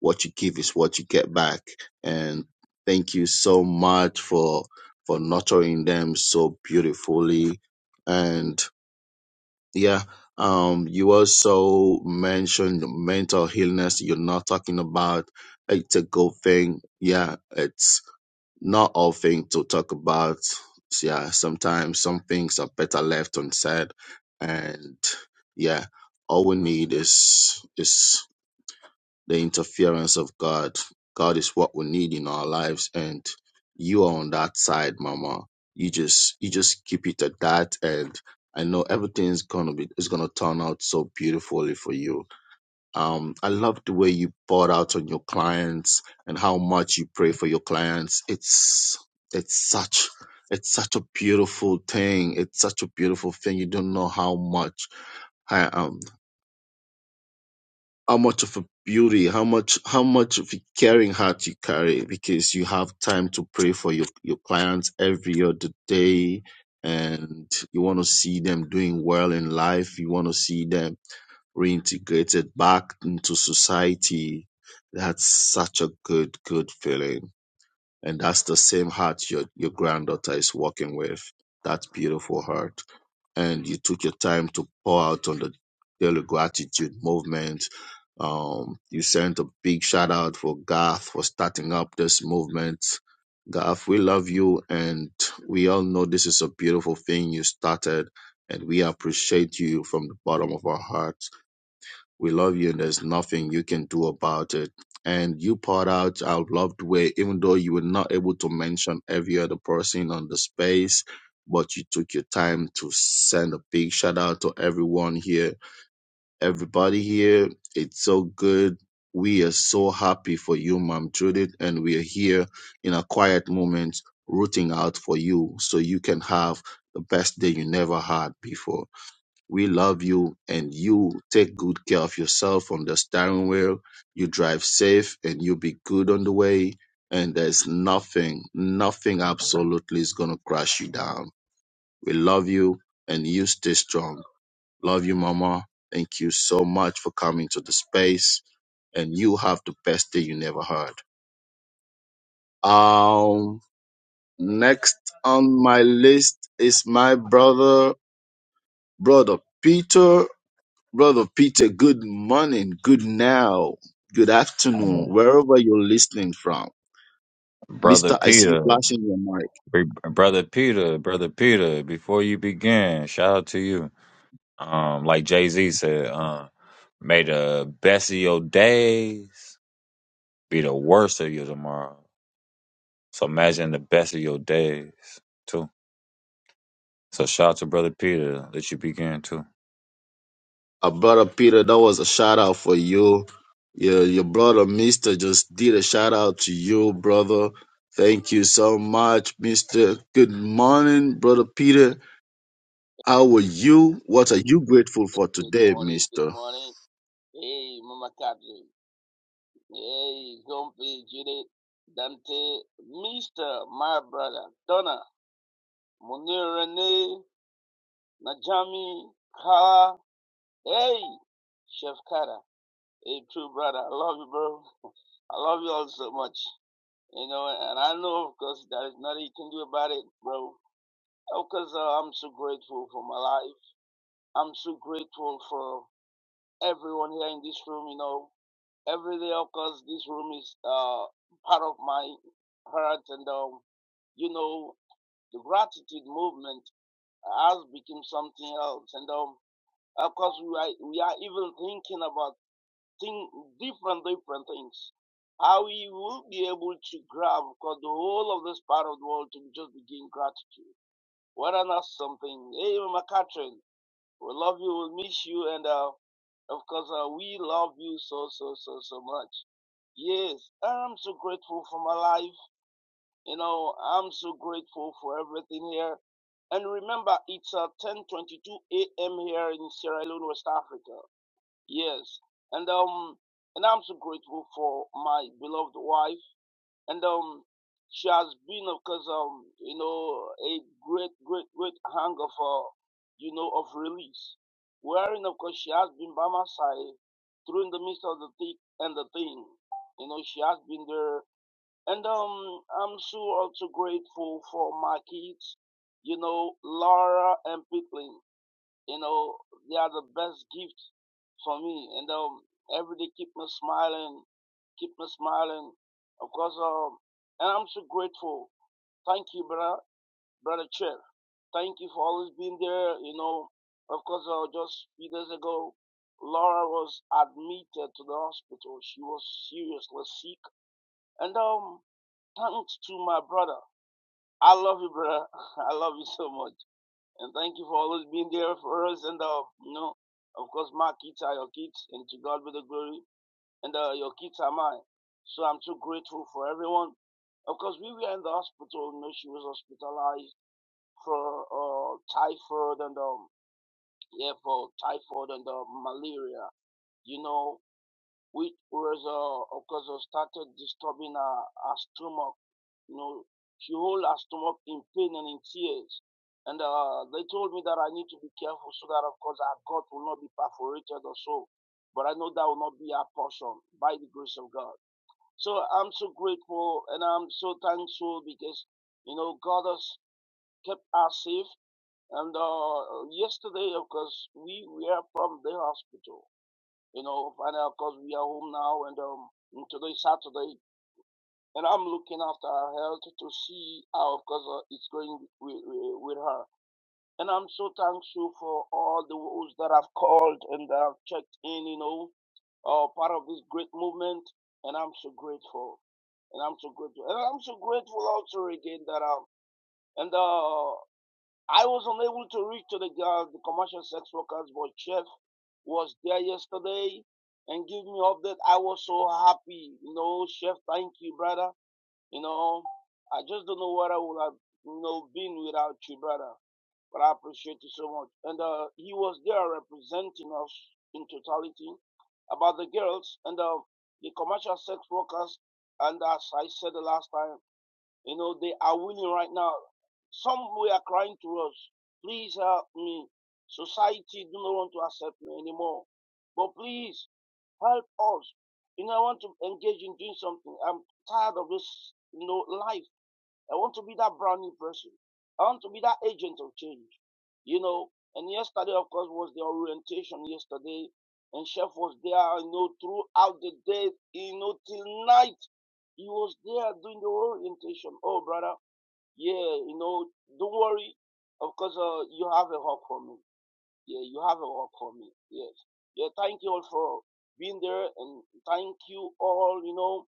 S3: What you give is what you get back. And thank you so much for for nurturing them so beautifully. Yeah. Um, you also mentioned mental illness. You're not talking about it's a good thing. Yeah, it's not all thing to talk about. Yeah, sometimes some things are better left unsaid, and yeah, all we need is is the interference of God. God is what we need in our lives, and you are on that side, Mama. You just you just keep it at that, and I know everything's gonna be it's gonna turn out so beautifully for you. Um, I love the way you poured out on your clients and how much you pray for your clients. It's it's such it's such a beautiful thing. It's such a beautiful thing. You don't know how much. I am how much of a beauty, how much how much of a caring heart you carry because you have time to pray for your, your clients every other day and you want to see them doing well in life, you want to see them reintegrated back into society. That's such a good, good feeling. And that's the same heart your, your granddaughter is walking with. That beautiful heart. And you took your time to pour out on the daily gratitude movement. Um, you sent a big shout out for Garth for starting up this movement. Garth, we love you and we all know this is a beautiful thing you started and we appreciate you from the bottom of our heart we love you and there's nothing you can do about it. And you poured out our loved way, even though you were not able to mention every other person on the space, but you took your time to send a big shout out to everyone here. Everybody here, it's so good. We are so happy for you, Mom Judith, and we are here in a quiet moment rooting out for you so you can have the best day you never had before. We love you and you take good care of yourself on the steering wheel. You drive safe and you be good on the way. And there's nothing, nothing absolutely is going to crash you down. We love you and you stay strong. Love you, Mama. Thank you so much for coming to the space. And you have the best day you never heard. Um, next on my list is my brother, brother Peter. Brother Peter, good morning, good now, good afternoon, wherever you're listening from.
S9: Brother
S3: Mister, I see you
S9: Peter,
S3: flashing your mic.
S9: Br- brother Peter, brother Peter, before you begin, shout out to you. Um, like Jay Z said, uh, may the best of your days be the worst of your tomorrow. So imagine the best of your days too. So shout out to brother Peter that you begin too.
S3: Uh, brother Peter, that was a shout out for you. Your, your brother, Mister, just did a shout out to you, brother. Thank you so much, Mister. Good morning, brother Peter. How are you? What are you grateful for
S10: Good
S3: today,
S10: morning, good
S3: Mister?
S10: morning. Hey, Mama Catherine. Hey, Gompi Judith, Dante, Mr. My brother, Donna, Munir Rene, Najami, Kara. Hey, Chef Kara. Hey, true brother. I love you, bro. I love you all so much. You know, and I know, of course, there is nothing you can do about it, bro. Of course, uh, I'm so grateful for my life. I'm so grateful for everyone here in this room, you know. every day of course this room is uh part of my heart and um you know the gratitude movement has become something else and um of course we are we are even thinking about thing different different things how we will be able to grab because the whole of this part of the world to just begin gratitude what an awesome thing hey Mama Catherine, we love you. We'll miss you. And uh, of course, uh, we love you so, so, so, so much. Yes, I'm so grateful for my life. You know, I'm so grateful for everything here. And remember, it's uh, 10:22 a.m. here in Sierra Leone, West Africa. Yes, and um, and I'm so grateful for my beloved wife and um she has been because um you know a great great great hunger for you know of release wherein of course she has been by my side through in the midst of the thick and the thing you know she has been there and um i'm so also grateful for my kids you know laura and Pitlin. You know, they are the best gift for me. And um, every day keep me smiling, keep me smiling. Of course, um, and I'm so grateful. Thank you, brother, brother Chair. Thank you for always being there. You know, of course, uh, just few days ago, Laura was admitted to the hospital. She was seriously sick. And um, thanks to my brother. I love you, brother. I love you so much. And thank you for always being there for us. And, uh, you know, of course, my kids are your kids, and to God be the glory. And uh, your kids are mine. So I'm so grateful for everyone. Of course, we were in the hospital. You know, she was hospitalized for uh, typhoid and, um, yeah, for typhoid and uh, malaria. You know, which was, uh, of course, uh, started disturbing her, her stomach. You know, she hold her stomach in pain and in tears. And uh, they told me that I need to be careful so that, of course, her gut will not be perforated or so. But I know that will not be our portion by the grace of God. So I'm so grateful and I'm so thankful because, you know, God has kept us safe. And uh, yesterday, of course, we were from the hospital. You know, Father, of course, we are home now, and um, today is Saturday, and I'm looking after her health to see how, of course, uh, it's going with, with, with her. And I'm so thankful for all those that have called and that have checked in, you know, uh, part of this great movement, and I'm so grateful. And I'm so grateful. And I'm so grateful also again that um and uh I was unable to reach to the uh, the commercial sex workers, but Chef was there yesterday and give me update. I was so happy, you know, Chef. Thank you, brother. You know, I just don't know what I would have, you know, been without you, brother. But I appreciate you so much. And uh, he was there representing us in totality about the girls and uh, the commercial sex workers. And as I said the last time. You know, they are willing right now. Some we are crying to us, please help me. Society do not want to accept me anymore. But please help us. You know, I want to engage in doing something. I'm tired of this, you know, life. I want to be that brand new person. I want to be that agent of change. You know, and yesterday, of course, was the orientation yesterday. And Chef was there, you know, throughout the day, you know, till night. He was there doing the orientation. Oh, brother, yeah, you know, don't worry. Of course, uh, you have a hug for me. Yeah, you have a work for me. Yes. Yeah, thank you all for being there and thank you all, you know.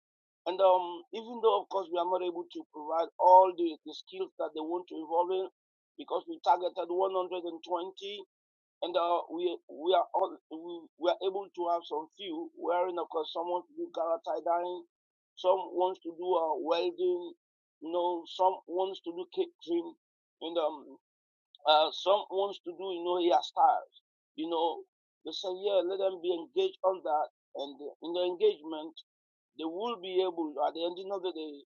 S10: And um, even though, of course, we are not able to provide all the, the skills that they want to involve in because we targeted 120 and uh, we we are all, we, we are able to have some few wearing, of course, someone to do gara tie dyeing, some wants to do uh, welding, you know, some wants to do catering. and um, uh, some wants to do, you know, hairstyles. You know, they say, yeah, let them be engaged on that. And in the engagement, they will be able, at the end of the day,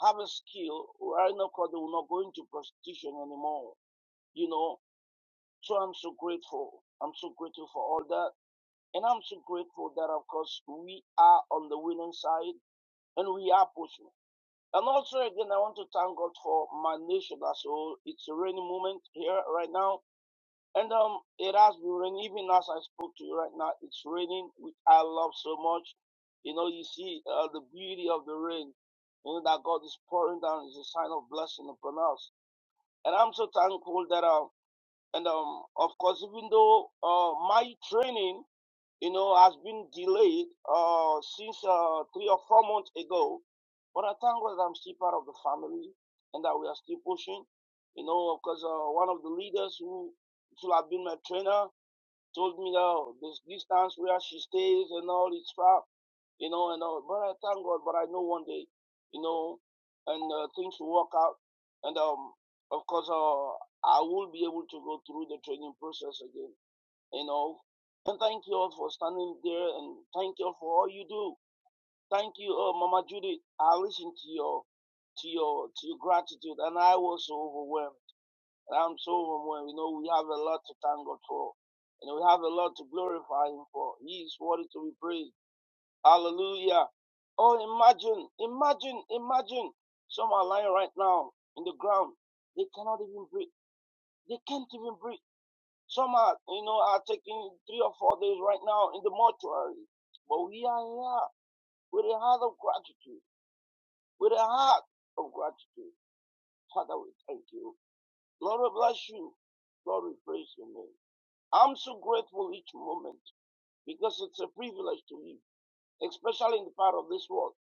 S10: have a skill right now because they will not go into prostitution anymore. You know, so I'm so grateful. I'm so grateful for all that. And I'm so grateful that, of course, we are on the winning side and we are pushing. And also, again, I want to thank God for my nation as a whole. It's a rainy moment here right now and um, it has been raining. Even as I spoke to you right now, it's raining, which I love so much. You know, you see uh, the beauty of the rain. You know that God is pouring down is a sign of blessing upon us. And I'm so thankful that um, and um, of course, even though uh, my training, you know, has been delayed uh since uh three or four months ago, but I thank God that I'm still part of the family and that we are still pushing. You know, of course, uh, one of the leaders who should have been my trainer told me that oh, this distance where she stays and all it's far, you know, and all. But I thank God, but I know one day, you know, and uh, things will work out. And um, of course, uh, I will be able to go through the training process again, you know. And thank you all for standing there, and thank you all for all you do. Thank you, uh, Mama Judy. I listened to your, to your, to your gratitude, and I was so overwhelmed. And I'm so Sohomwen, we know we have a lot to thank God for. And we have a lot to glorify Him for. He is worthy to be praised. Hallelujah. Oh, imagine, imagine, imagine. Some are lying right now in the ground. They cannot even breathe. They can't even breathe. Some are, you know, are taking three or four days right now in the mortuary. But we are here with a heart of gratitude, with a heart of gratitude. Father, we thank you. Lord, we bless you. Lord, we praise your name. I'm so grateful each moment because it's a privilege to live, especially in the part of this world.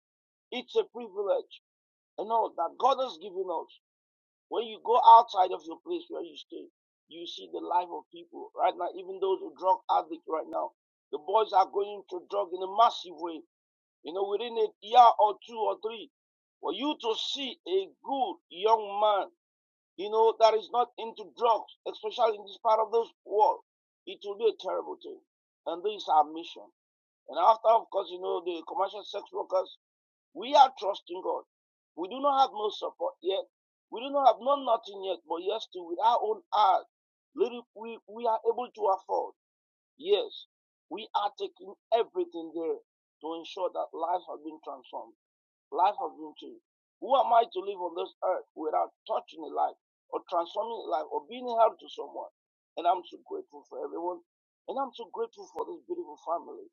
S10: It's a privilege you know, that God has given us. When you go outside of your place where you stay, you see the life of people right now, even those who drug addict right now. The boys are going to drug in a massive way, you know, within a year or two or three. For you to see a good young man you know, that is not into drugs, especially in this part of this world. It will be a terrible thing. And this is our mission. And after, of course, you know, the commercial sex workers, we are trusting God. We do not have no support yet. We do not have no nothing yet, but yes, still with our own heart, little we, we are able to afford. Yes, we are taking everything there to ensure that lives have been transformed life has of YouTube. Who am I to live on this earth without touching a life or transforming a life or being help to someone? And I'm so grateful for everyone. And I'm so grateful for this beautiful family.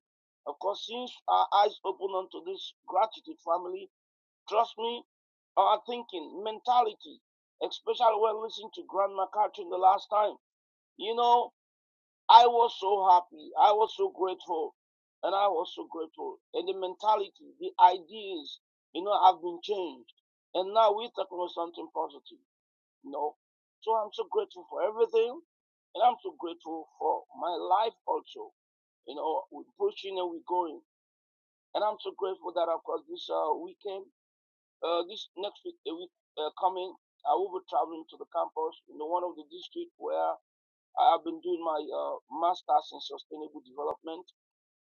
S10: Of course, since our eyes open onto this gratitude family, trust me, our thinking, mentality, especially when listening to Grandma Catherine the last time, you know, I was so happy. I was so grateful. And I was so grateful. And the mentality, the ideas, you know, have been changed. And now we're talking about something positive, you know. So I'm so grateful for everything. And I'm so grateful for my life also. You know, we're pushing and we're going. And I'm so grateful that, of course, this uh, weekend, uh, this next week, the week uh, coming, I will be traveling to the campus in the one of the districts where I have been doing my uh, master's in sustainable development,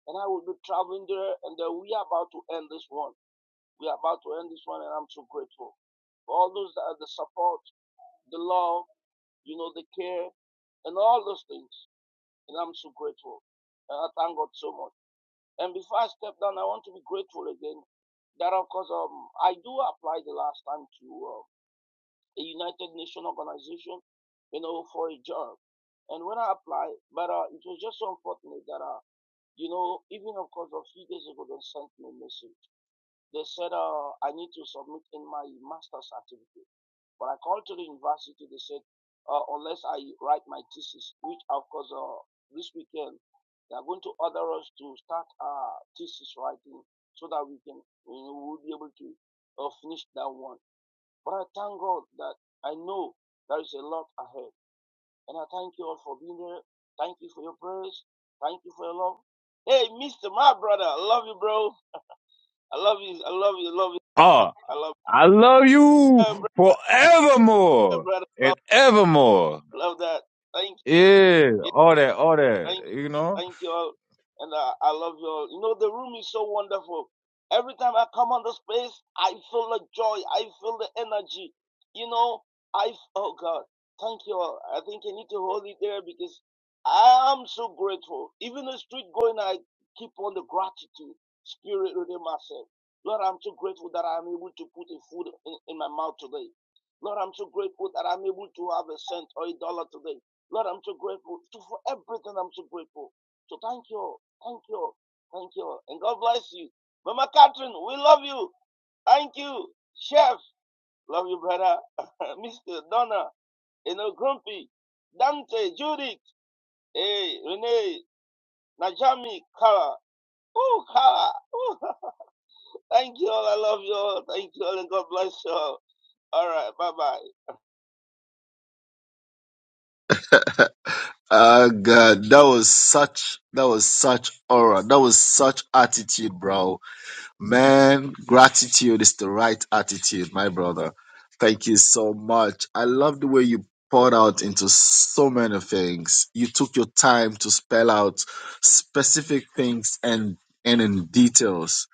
S10: and I will be traveling there. And uh, we are about to end this one. We are about to end this one, and I'm so grateful for all those that are the support, the love, you know, the care, and all those things. And I'm so grateful. And I thank God so much. And before I step down, I want to be grateful again. That of course, um, I do apply the last time to. uh, a United Nations organization, you know, for a job. And when I applied, but uh, it was just so unfortunate that, uh, you know, even of course a few days ago, they sent me a message. They said uh, I need to submit in my master's certificate. But I called to the university. They said uh, unless I write my thesis, which of course uh, this weekend they are going to order us to start our thesis writing so that we can you know, we will be able to uh, finish that one. But I thank God that I know there is a lot ahead. And I thank you all for being here. Thank you for your prayers. Thank you for your love. Hey, Mr. My brother, I love you, bro. I love you. I love you. I love you.
S9: Oh,
S10: I love you.
S9: I love you
S10: Yeah, brother,
S9: forevermore
S10: brother.
S9: and
S10: Love,
S9: evermore.
S10: love that. Thank
S9: Yeah,
S10: you.
S9: all that, all that.
S10: Thank,
S9: You know,
S10: thank you all. And I, I love you all. You know, the room is so wonderful. Every time I come on the space, I feel the joy. I feel the energy. You know, I, oh God, thank you all. I think I need to hold it there because I'm so grateful. Even the street going, I keep on the gratitude spirit within myself. Lord, I'm so grateful that I'm able to put a food in, in my mouth today. Lord, I'm so grateful that I'm able to have a cent or a dollar today. Lord, I'm so grateful to, for everything. I'm so grateful. So thank you. Thank you. Thank you. And God bless you. Mama Catherine, we love you. Thank you. Chef, love you, brother. Mr. Donna, you know, Grumpy, Dante, Judith, hey, Renee, Najami, Kara. Oh, Kara. Ooh. Thank you all. I love you all. Thank you all. And God bless you all. All right. Bye bye.
S3: Ah, God, that was such, that was such aura, that was such attitude, bro Man, gratitude is the right attitude, my brother. Thank you so much. I love the way you poured out into so many things. You took your time to spell out specific things and and in details.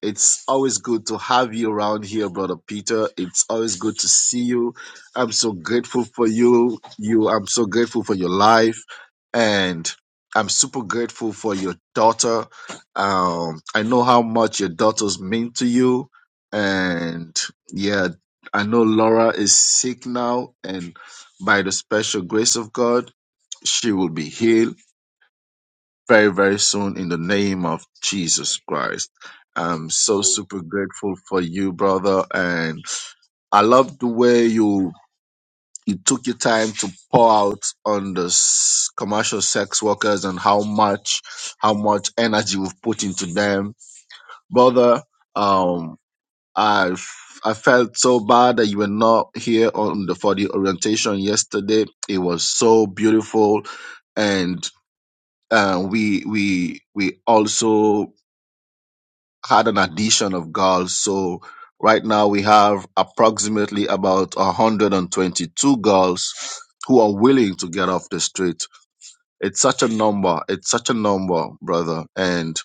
S3: It's always good to have you around here, Brother Peter. It's always good to see you. I'm so grateful for you. You, I'm so grateful for your life, and I'm super grateful for your daughter. Um, I know how much your daughters mean to you, and yeah, I know Laura is sick now, and by the special grace of God, she will be healed very, very soon in the name of Jesus Christ. I'm so
S10: Hey,
S3: super grateful for you, brother. And I love the way you you took your time to pour out on the s- commercial sex workers and how much how much energy we've put into them, brother. Um, I f- I felt so bad that you were not here on the for the orientation yesterday. It was so beautiful, and uh, we we we also had an addition of girls. So right now we have approximately about 122 girls who are willing to get off the street. It's such a number. It's such a number, brother. And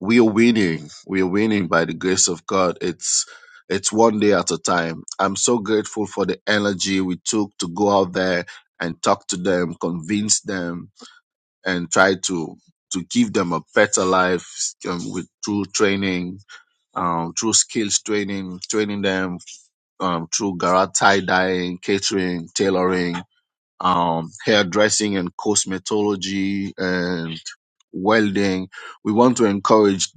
S3: we are winning. We are winning by the grace of God. It's it's one day at a time. I'm so grateful for the energy we took to go out there and talk to them, convince them, and try to to give them a better life um, with through training, um, through skills training, training them um, through garage tie dyeing, catering, tailoring, um, hairdressing and cosmetology and welding. We want to encourage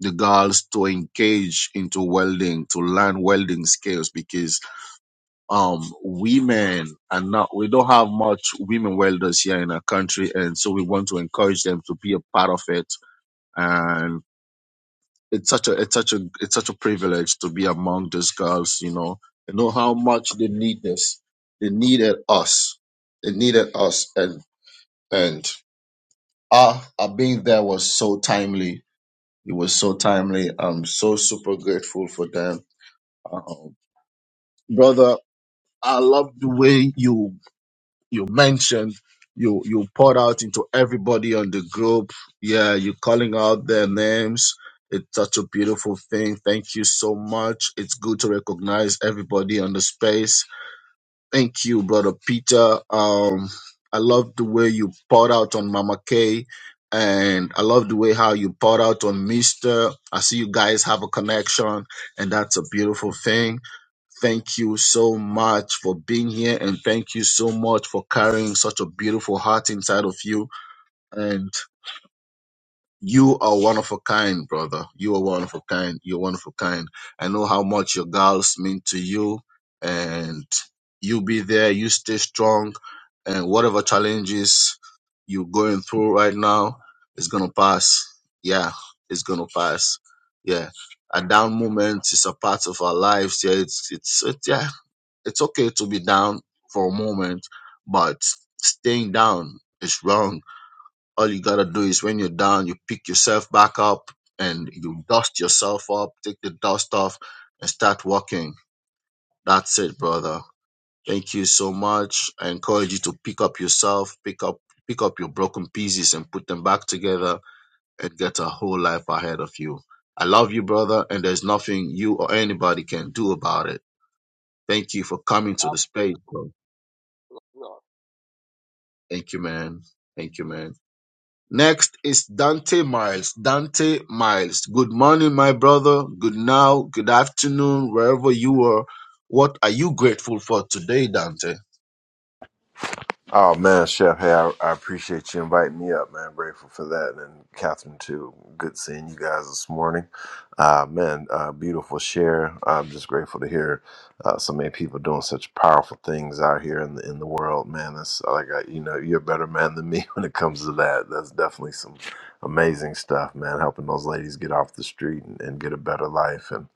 S3: the girls to engage into welding, to learn welding skills because um, women are not, we don't have much women welders here in our country. And so we want to encourage them to be a part of it and. it's such a it's such a it's such a privilege to be among these girls, you know. I know how much they need this. They needed us. They needed us and and our our being there was so timely. It was so timely. I'm so super grateful for them. Um, brother, I love the way you you mentioned you you poured out into everybody on the group yeah you calling out their names it's such a beautiful thing thank you so much it's good to recognize everybody on the space thank you brother peter um i love the way you poured out on mama Kay, and i love the way how you poured out on mister i see you guys have a connection and that's a beautiful thing Thank you so much for being here and thank you so much for carrying such a beautiful heart inside of you. And you are one of a kind, brother. You are one of a kind. You're one of a kind. I know how much your girls mean to you and you be there. You stay strong and whatever challenges you're going through right now is going to pass. Yeah, it's going to pass. Yeah. A down moment is a part of our lives. Yeah, it's, it's, it's yeah it's okay to be down for a moment, but staying down is wrong. All you gotta do is when you're down, you pick yourself back up and you dust yourself up, take the dust off, and start walking. That's it, brother. Thank you so much. I encourage you to pick up yourself, pick up pick up your broken pieces and put them back together and get a whole life ahead of you. I love you, brother, and there's nothing you or anybody can do about it. Thank you for coming
S10: I
S3: to
S10: love
S3: the space. brother.
S10: you all.
S3: Thank you, man. Thank you, man. Next is Dante Miles. Dante Miles. Good morning, my brother. Good now. Good afternoon, wherever you are. What are you grateful for today, Dante?
S11: Oh man, Chef, hey, I, I appreciate you inviting me up, man. Grateful for that, and Catherine too. Good seeing you guys this morning, uh, man. Uh, beautiful share. I'm just grateful to hear uh, so many people doing such powerful things out here in the in the world, man. That's like I, you know, you're a better man than me when it comes to that. That's definitely some amazing stuff, man. Helping those ladies get off the street and, and get a better life and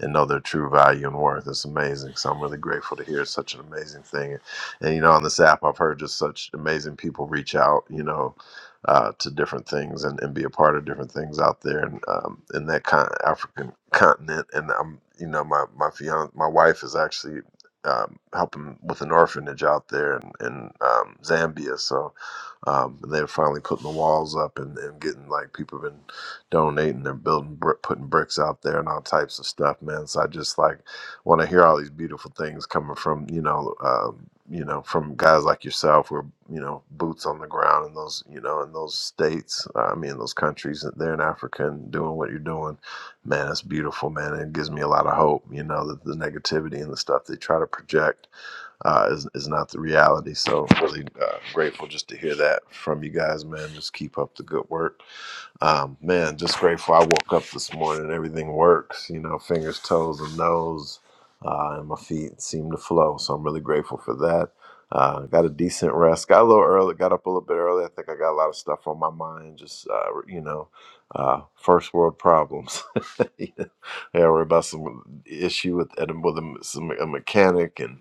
S11: and know their true value and worth. It's amazing. So I'm really grateful to hear such an amazing thing and you know, on this app, I've heard just such amazing people reach out, you know, uh, to different things and, and be a part of different things out there and um, in that con- African continent. And I'm, you know, my my fiance, my wife is actually um, helping with an orphanage out there in, in um, Zambia. So um, and they're finally putting the walls up and, and getting like people have been donating. They're building, br- putting bricks out there and all types of stuff, man. So I just like when I hear all these beautiful things coming from you know um, you know from guys like yourself who are you know boots on the ground in those you know in those states uh, I mean those countries that they're in Africa and doing what you're doing man it's beautiful man it gives me a lot of hope you know that the negativity and the stuff they try to project uh, is, is not the reality so really uh, grateful just to hear that from you guys man just keep up the good work um, man, just grateful I woke up this morning and everything works, you know, fingers, toes, and nose, uh, and my feet seem to flow. So I'm really grateful for that. Uh, got a decent rest. Got a little early. Got up a little bit early. I think I got a lot of stuff on my mind. Just uh, you know, uh, first world problems. yeah, worry about some issue with with a, some, a mechanic, and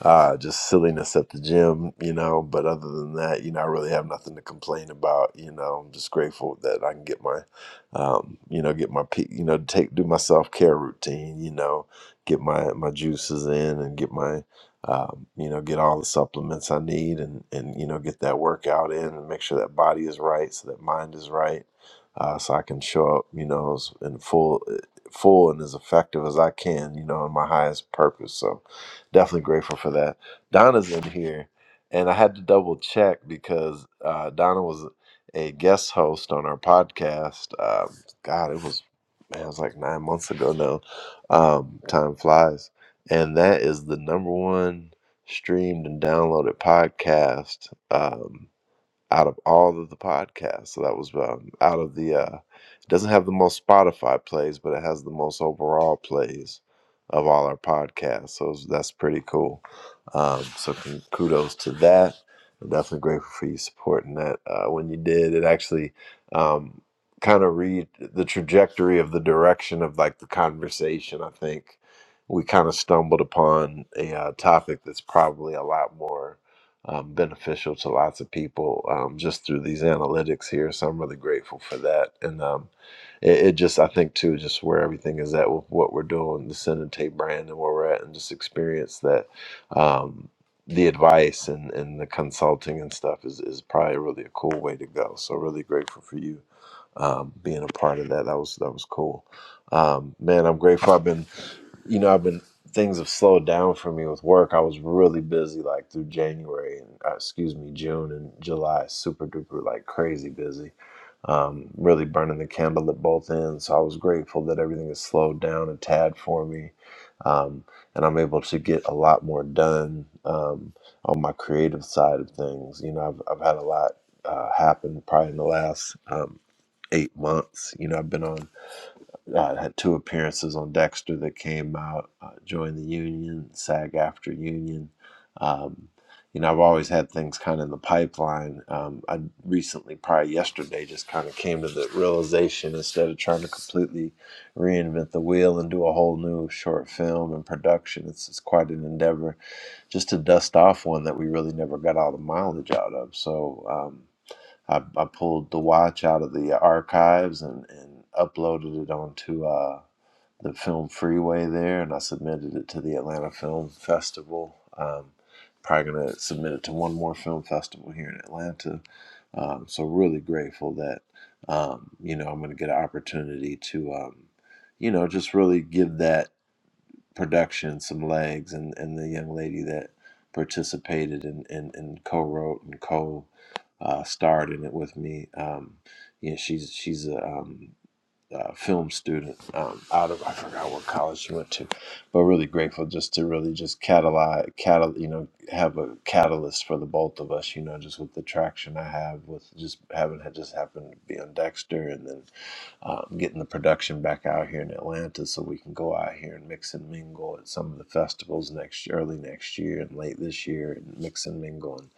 S11: uh, just silliness at the gym, you know. But other than that, you know, I really have nothing to complain about. You know, I'm just grateful that I can get my, um, you know, get my, pe- you know, take do my self care routine. You know, get my my juices in and get my, um, you know, get all the supplements I need and and you know get that workout in and make sure that body is right so that mind is right. Uh, so I can show up, you know, as- in full, full and as effective as I can, you know, in my highest purpose. So, definitely grateful for that. Donna's in here, and I had to double check because uh, Donna was a guest host on our podcast. Um, God, it was man, it was like nine months ago now. Um, time flies, and that is the number one streamed and downloaded podcast. Um, out of all of the podcasts. So that was um, out of the. Uh, it doesn't have the most Spotify plays, but it has the most overall plays of all our podcasts. So that's pretty cool. Um, so con- kudos to that. I'm definitely grateful for you supporting that. Uh, when you did, it actually um, kind of read the trajectory of the direction of like the conversation. I think we kind of stumbled upon a uh, topic that's probably a lot more um, beneficial to lots of people um, just through these analytics here. So I'm really grateful for that. And um, it, it just, I think, too, just where everything is at with what we're doing, the Cinete brand and where we're at, and just experience that um, the advice and, and the consulting and stuff is, is probably really a cool way to go. So really grateful for you. Um, being a part of that, that was that was cool, um, man. I'm grateful. I've been you know, I've been things have slowed down for me with work. I was really busy like through January and uh, excuse me, June and July, super duper like crazy busy. Um, really burning the candle at both ends. So I was grateful that everything has slowed down a tad for me. Um, and I'm able to get a lot more done um, on my creative side of things. You know, I've, I've had a lot uh, happen probably in the last um, eight months. You know, I've been on uh, had two appearances on Dexter that came out, uh, joined the union, SAG after union. Um, you know, I've always had things kind of in the pipeline. Um, I recently, probably yesterday, just kind of came to the realization instead of trying to completely reinvent the wheel and do a whole new short film and production, it's, it's quite an endeavor just to dust off one that we really never got all the mileage out of. So, um, I, I pulled the watch out of the archives and, and uploaded it onto uh, the Film Freeway there, and I submitted it to the Atlanta Film Festival. Um, probably going to submit it to one more film festival here in Atlanta. Um, so really grateful that um, you know I'm going to get an opportunity to um, you know just really give that production some legs and, and the young lady that participated and, and, and co-wrote and co uh, starred in it with me um, yeah she's she's a, um, a film student um, out of I forgot what college she went to but really grateful just to really just catalyze catal you know have a catalyst for the both of us you know just with the traction I have with just having had just happened to be on Dexter and then um, getting the production back out here in Atlanta so we can go out here and mix and mingle at some of the festivals next year, early next year and late this year and mix and mingle and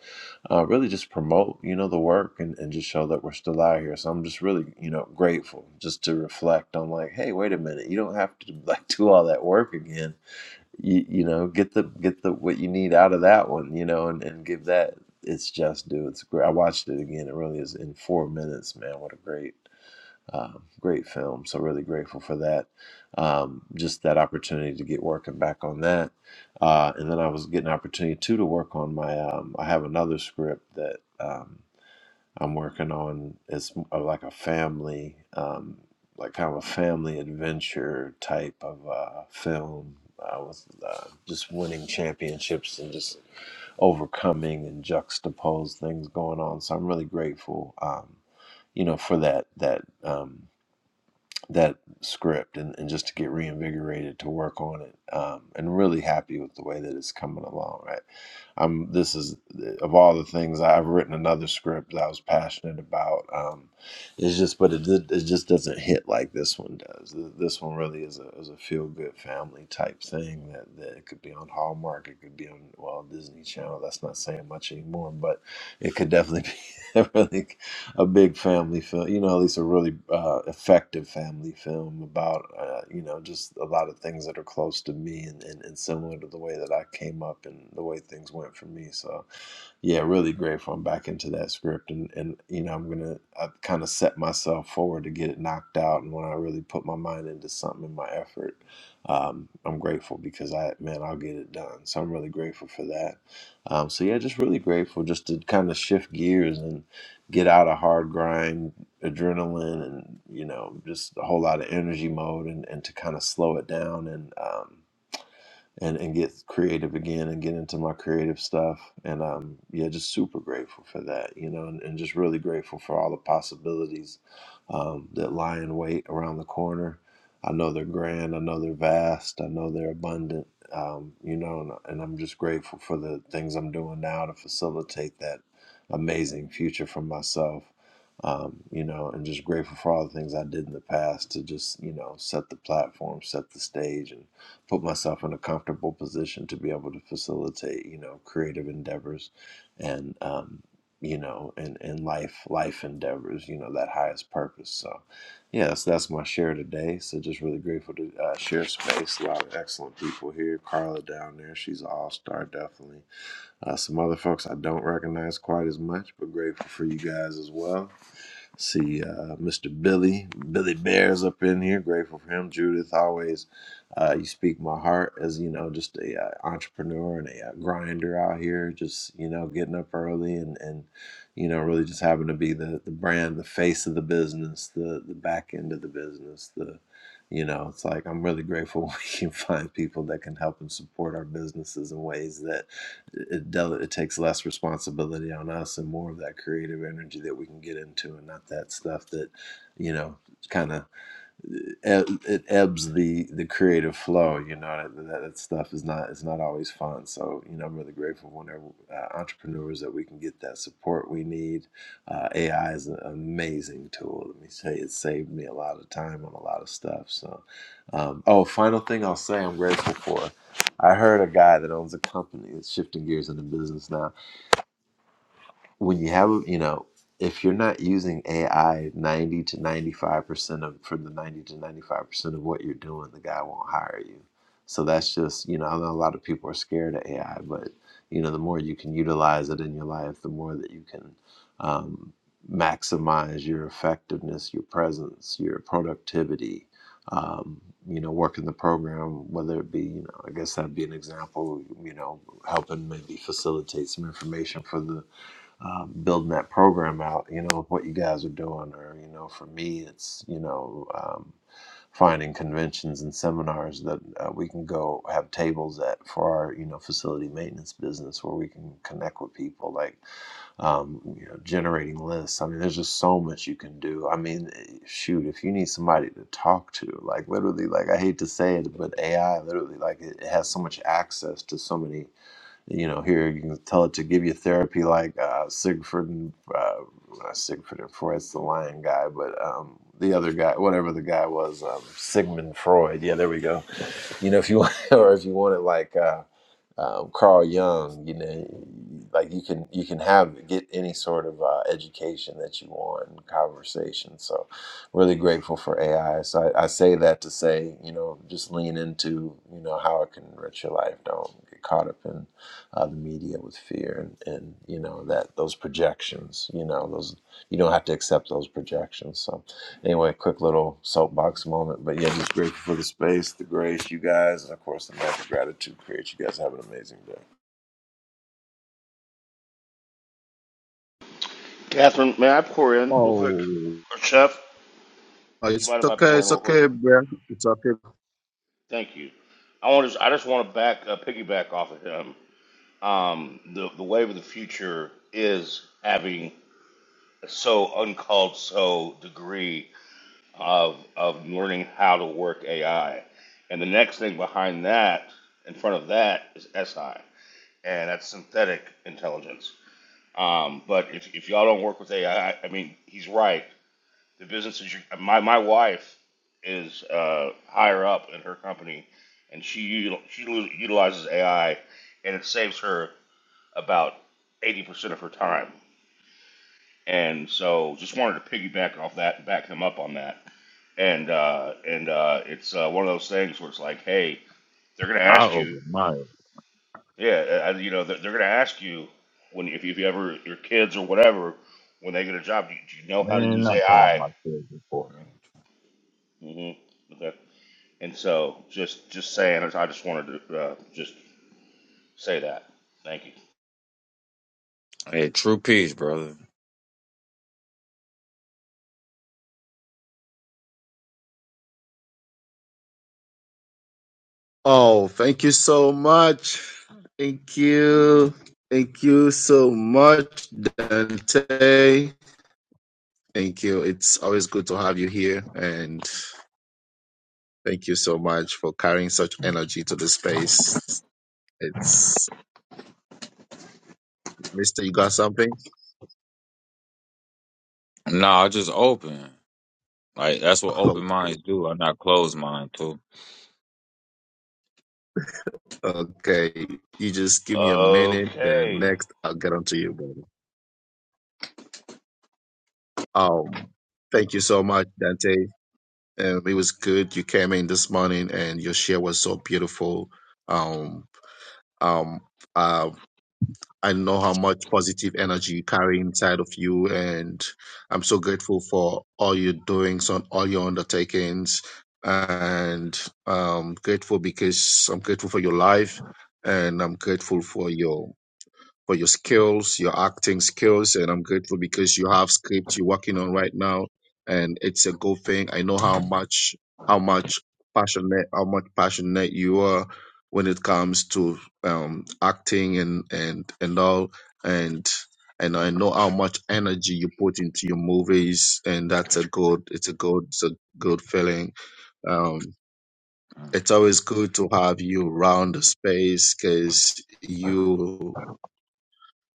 S11: uh, really just promote you know the work and, and just show that we're still out here so I'm just really you know grateful just to reflect on like hey wait a minute you don't have to like do all that work again you, you know get the get the what you need out of that one you know and, and give that it's just due it's great I watched it again it really is in four minutes man what a great um, great film. So really grateful for that. Um, just that opportunity to get working back on that. Uh, and then I was getting an opportunity too to work on my. Um, I have another script that um, I'm working on. It's m- uh, like a family, um, like kind of a family adventure type of uh, film. I was uh, just winning championships and just overcoming and juxtapose things going on. So I'm really grateful. Um, you know, for that that um, that script and, and just to get reinvigorated to work on it um, and really happy with the way that it's coming along right i'm this is of all the things i've written another script that i was passionate about um, it's just but it, did, it just doesn't hit like this one does Th- this one really is a, is a feel good family type thing that, that it could be on hallmark it could be on well disney channel that's not saying much anymore but it could definitely be really a big family film. You know, at least a really uh, effective family film about uh, you know just a lot of things that are close to me and, and, and similar to the way that I came up and the way things went for me. So yeah, really grateful. I'm back into that script, and and you know, I'm gonna I kind of set myself forward to get it knocked out. And when I really put my mind into something and my effort, um, I'm grateful because I man, I'll get it done. So I'm really grateful for that. Um, so yeah, just really grateful just to kind of shift gears and get out of hard grind, adrenaline, and you know, just a whole lot of energy mode, and and to kind of slow it down and. Um, and and get creative again and get into my creative stuff and um yeah just super grateful for that you know and, and just really grateful for all the possibilities um, that lie in wait around the corner i know they're grand i know they're vast i know they're abundant um, you know and, and i'm just grateful for the things i'm doing now to facilitate that amazing future for myself um, you know, and just grateful for all the things I did in the past to just, you know, set the platform, set the stage, and put myself in a comfortable position to be able to facilitate, you know, creative endeavors and, um, you know, and, and life, life endeavors, you know, that highest purpose. So, yes, yeah, so that's my share today. So, just really grateful to uh, share space. A lot of excellent people here. Carla down there, she's an all star, definitely. Uh, some other folks I don't recognize quite as much, but grateful for you guys as well. See uh, Mr. Billy, Billy Bears up in here. Grateful for him. Judith, always uh, you speak my heart as you know, just a uh, entrepreneur and a uh, grinder out here. Just you know, getting up early and and you know, really just having to be the the brand, the face of the business, the the back end of the business, the you know, it's like I'm really grateful we can find people that can help and support our businesses in ways that it, dele- it takes less responsibility on us and more of that creative energy that we can get into and not that stuff that you know kind of it ebbs the the creative flow you know that, that, that stuff is not is not always fun so you know i'm really grateful whenever uh, entrepreneurs that we can get that support we need uh, ai is an amazing tool let me say it saved me a lot of time on a lot of stuff so um, oh final thing i'll say i'm grateful for i heard a guy that owns a company that's shifting gears into business now when you have you know if you're not using AI 90 to 95% of for the 90 to 95% of what you're doing, the guy won't hire you. So that's just, you know, I know a lot of people are scared of AI, but you know, the more you can utilize it in your life, the more that you can um, maximize your effectiveness, your presence, your productivity. Um, you know, working the program, whether it be, you know, I guess that'd be an example, you know, helping maybe facilitate some information for the um, building that program out, you know, of what you guys are doing. Or, you know, for me, it's, you know, um, finding conventions and seminars that uh, we can go have tables at for our, you know, facility maintenance business where we can connect with people, like, um, you know, generating lists. I mean, there's just so much you can do. I mean, eh, shoot, if you need somebody to talk to, like, literally, like, I hate to say it, but AI literally, like, it, it has so much access to so many you know, here you can tell it to give you therapy like uh, Siegfried and uh, not Siegfried and Freud's the lion guy, but um, the other guy, whatever the guy was, um, Sigmund Freud. Yeah, there we go. You know, if you want, or if you want it like. Uh, um, Carl Jung, you know, like you can you can have get any sort of uh, education that you want and conversation. So, really grateful for AI. So I, I say that to say, you know, just lean into you know how it can enrich your life. Don't get caught up in uh, the media with fear and, and you know that those projections. You know those you don't have to accept those projections. So anyway, quick little soapbox moment. But yeah, just grateful for the space, the grace, you guys, and of course the magic gratitude creates. You guys have an amazing day.
S12: Catherine, may I pour in real quick?
S3: Oh,
S12: Or Chef,
S3: oh,
S12: you
S3: it's
S12: mind if I
S3: okay.
S12: pour in
S3: It's
S12: real quick?
S3: okay, bro. It's okay.
S12: Thank you. I want to. I just want to back uh, piggyback off of him. Um, the the wave of the future is having so uncalled so degree of of learning how to work AI, and the next thing behind that, in front of that, is SI, and that's synthetic intelligence. Um, but if if y'all don't work with AI, I I mean, he's right. The business is your, my my wife is uh, higher up in her company, and she util- she lu- utilizes AI, and it saves her about eighty percent of her time. And so, just wanted to piggyback off that and back him up on that. And uh, and uh, it's uh, one of those things where it's like, hey, they're gonna
S9: I
S12: ask you,
S9: open mine.
S12: yeah, uh, uh, you know, they're, they're gonna ask you when if you, if you ever your kids or whatever when they get a job, do you, do you know how to
S9: Man,
S12: use
S9: not talking about
S12: AI?
S9: my kids before me.
S12: mm hmm Okay. And so, just just saying, I just wanted to uh, just say that. Thank you.
S9: Hey, true peace, brother.
S3: Oh, thank you so much. Thank you. Thank you so much, Dante. Thank you. It's always good to have you here. And Thank you so much for carrying such energy to the space. It's Mister. You got something?
S9: Nah, I just open. Like that's what
S3: Oh,
S9: open minds do. I'm not closed mind too.
S3: okay. You just give me a minute, then the
S12: Okay,
S3: next I'll get onto you, brother. Um, thank you so much, Dante. Um, it was good. You came in this morning, and your share was so beautiful. Um, um, uh, I know how much positive energy you carry inside of you, and I'm so grateful for all your doings on all your undertakings. And um, grateful because I'm grateful for your life, and I'm grateful for your for your skills, your acting skills, and I'm grateful because you have script you're working on right now, and it's a good thing. I know how much how much passionate how much passionate you are when it comes to um, acting and and and all, and and I know how much energy you put into your movies, and that's a good it's a good it's a good feeling. Um, it's always good to have you around the space because you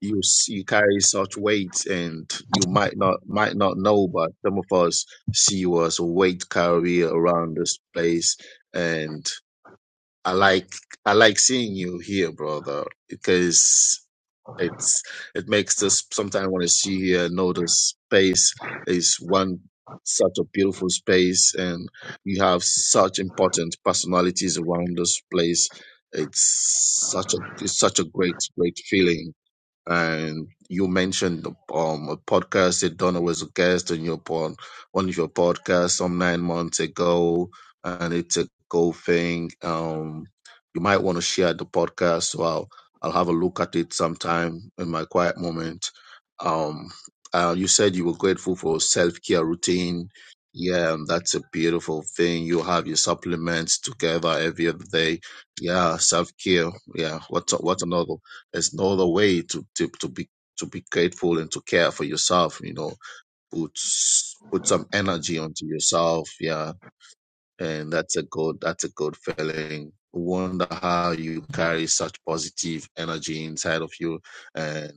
S3: you s- you carry such weight and you might not might not know but some of us see you as a weight carrier around this place and i like i like seeing you here brother because it's it makes us sometimes want to see here know this space is one such a beautiful space and we have such important personalities around this place it's such a it's such a great great feeling and you mentioned um, a podcast that Donna was a guest on your pod, one of your podcasts some nine months ago, and it's a cool thing. Um, you might want to share the podcast, so I'll I'll have a look at it sometime in my quiet moment. Um, uh, you said you were grateful for self care routine. Yeah, and that's a beautiful thing. You have your supplements together every other day. Yeah, self care. Yeah, what's what's another? There's no other way to, to, to be to be grateful and to care for yourself, you know. Put put some energy onto yourself, yeah. And that's a good that's a good feeling. Wonder how you carry such positive energy inside of you and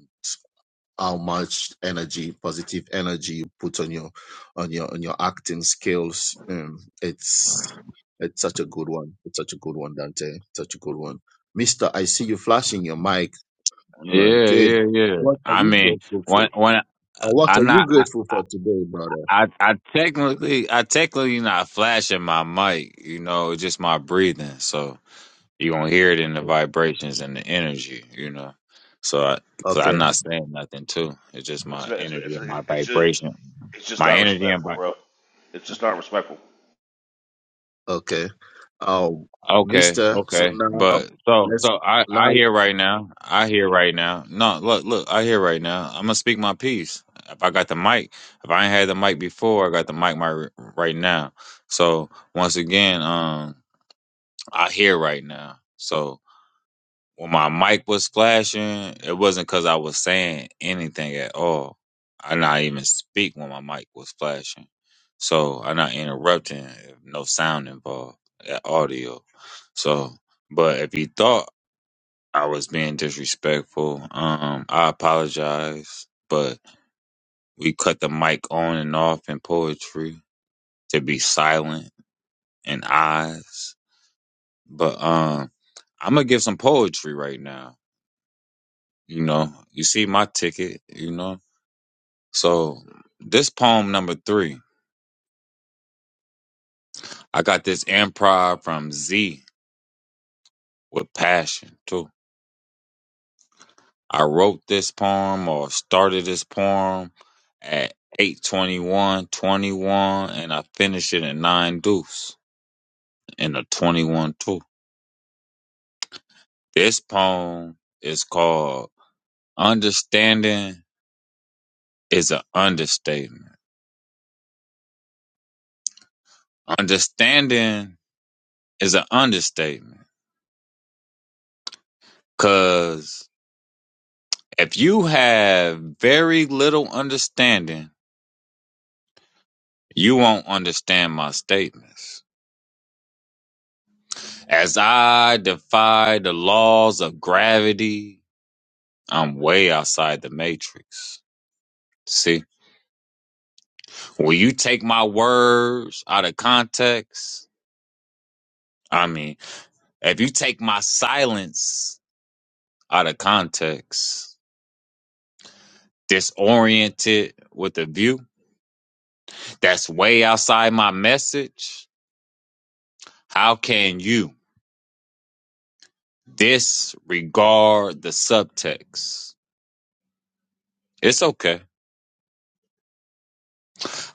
S3: how much energy, positive energy you put on your on your on your acting skills. Um, it's it's such a good one. It's such a good one, Dante. Such a good one. Mister, I see you flashing your mic. Man,
S9: Yeah,
S3: good.
S9: yeah, yeah.
S3: What are
S9: I
S3: you
S9: mean,
S3: grateful
S9: when
S3: for?
S9: when
S3: Uh, what are
S9: I'm
S3: you
S9: not, I,
S3: grateful
S9: I
S3: for today, brother?
S9: I I technically I technically not flashing my mic. You know, it's just my breathing. So you gonna hear it in the vibrations and the energy. You know, so I, cause
S3: Okay,
S9: I'm not saying nothing too. It's just
S12: it's
S9: my
S12: it's
S9: energy
S12: it's
S9: and my
S12: it's just
S9: vibration.
S12: it's just
S9: My
S12: not
S9: energy and
S12: respectful,
S9: vibration.
S12: bro. It's just not respectful.
S3: okay. Um,
S9: Okay,
S3: Mister. So
S9: okay.
S3: now
S9: But so
S3: let's
S9: so I
S3: now.
S9: I hear right now. I hear right now. No, look, look, I hear right now. I'm gonna speak my piece. If I got the mic, if I ain't had the mic before, I got the mic my right now. So once again, um I hear right now. So when my mic was flashing, it wasn't because I was saying anything at all. I not even speak when my mic was flashing, so i not interrupting. No sound involved at audio. So, but if you thought I was being disrespectful, um, I apologize. But we cut the mic on and off in poetry to be silent and eyes. But um, I'm gonna give some poetry right now. You know, you see my ticket, you know. So this poem number three, I got this improv from Z with passion too. I wrote this poem or started this poem at eight twenty one twenty one, and I finished it at nine deuce in a 21 2. This poem is called Understanding is an Understatement. Understanding is an understatement. because. If you have very little understanding, you won't understand my statements. As I defy the laws of gravity, I'm way outside the matrix. See, when you take my words out of context, I mean, if you take my silence out of context, disoriented with a view that's way outside my message, how can you? disregard the subtext. It's okay.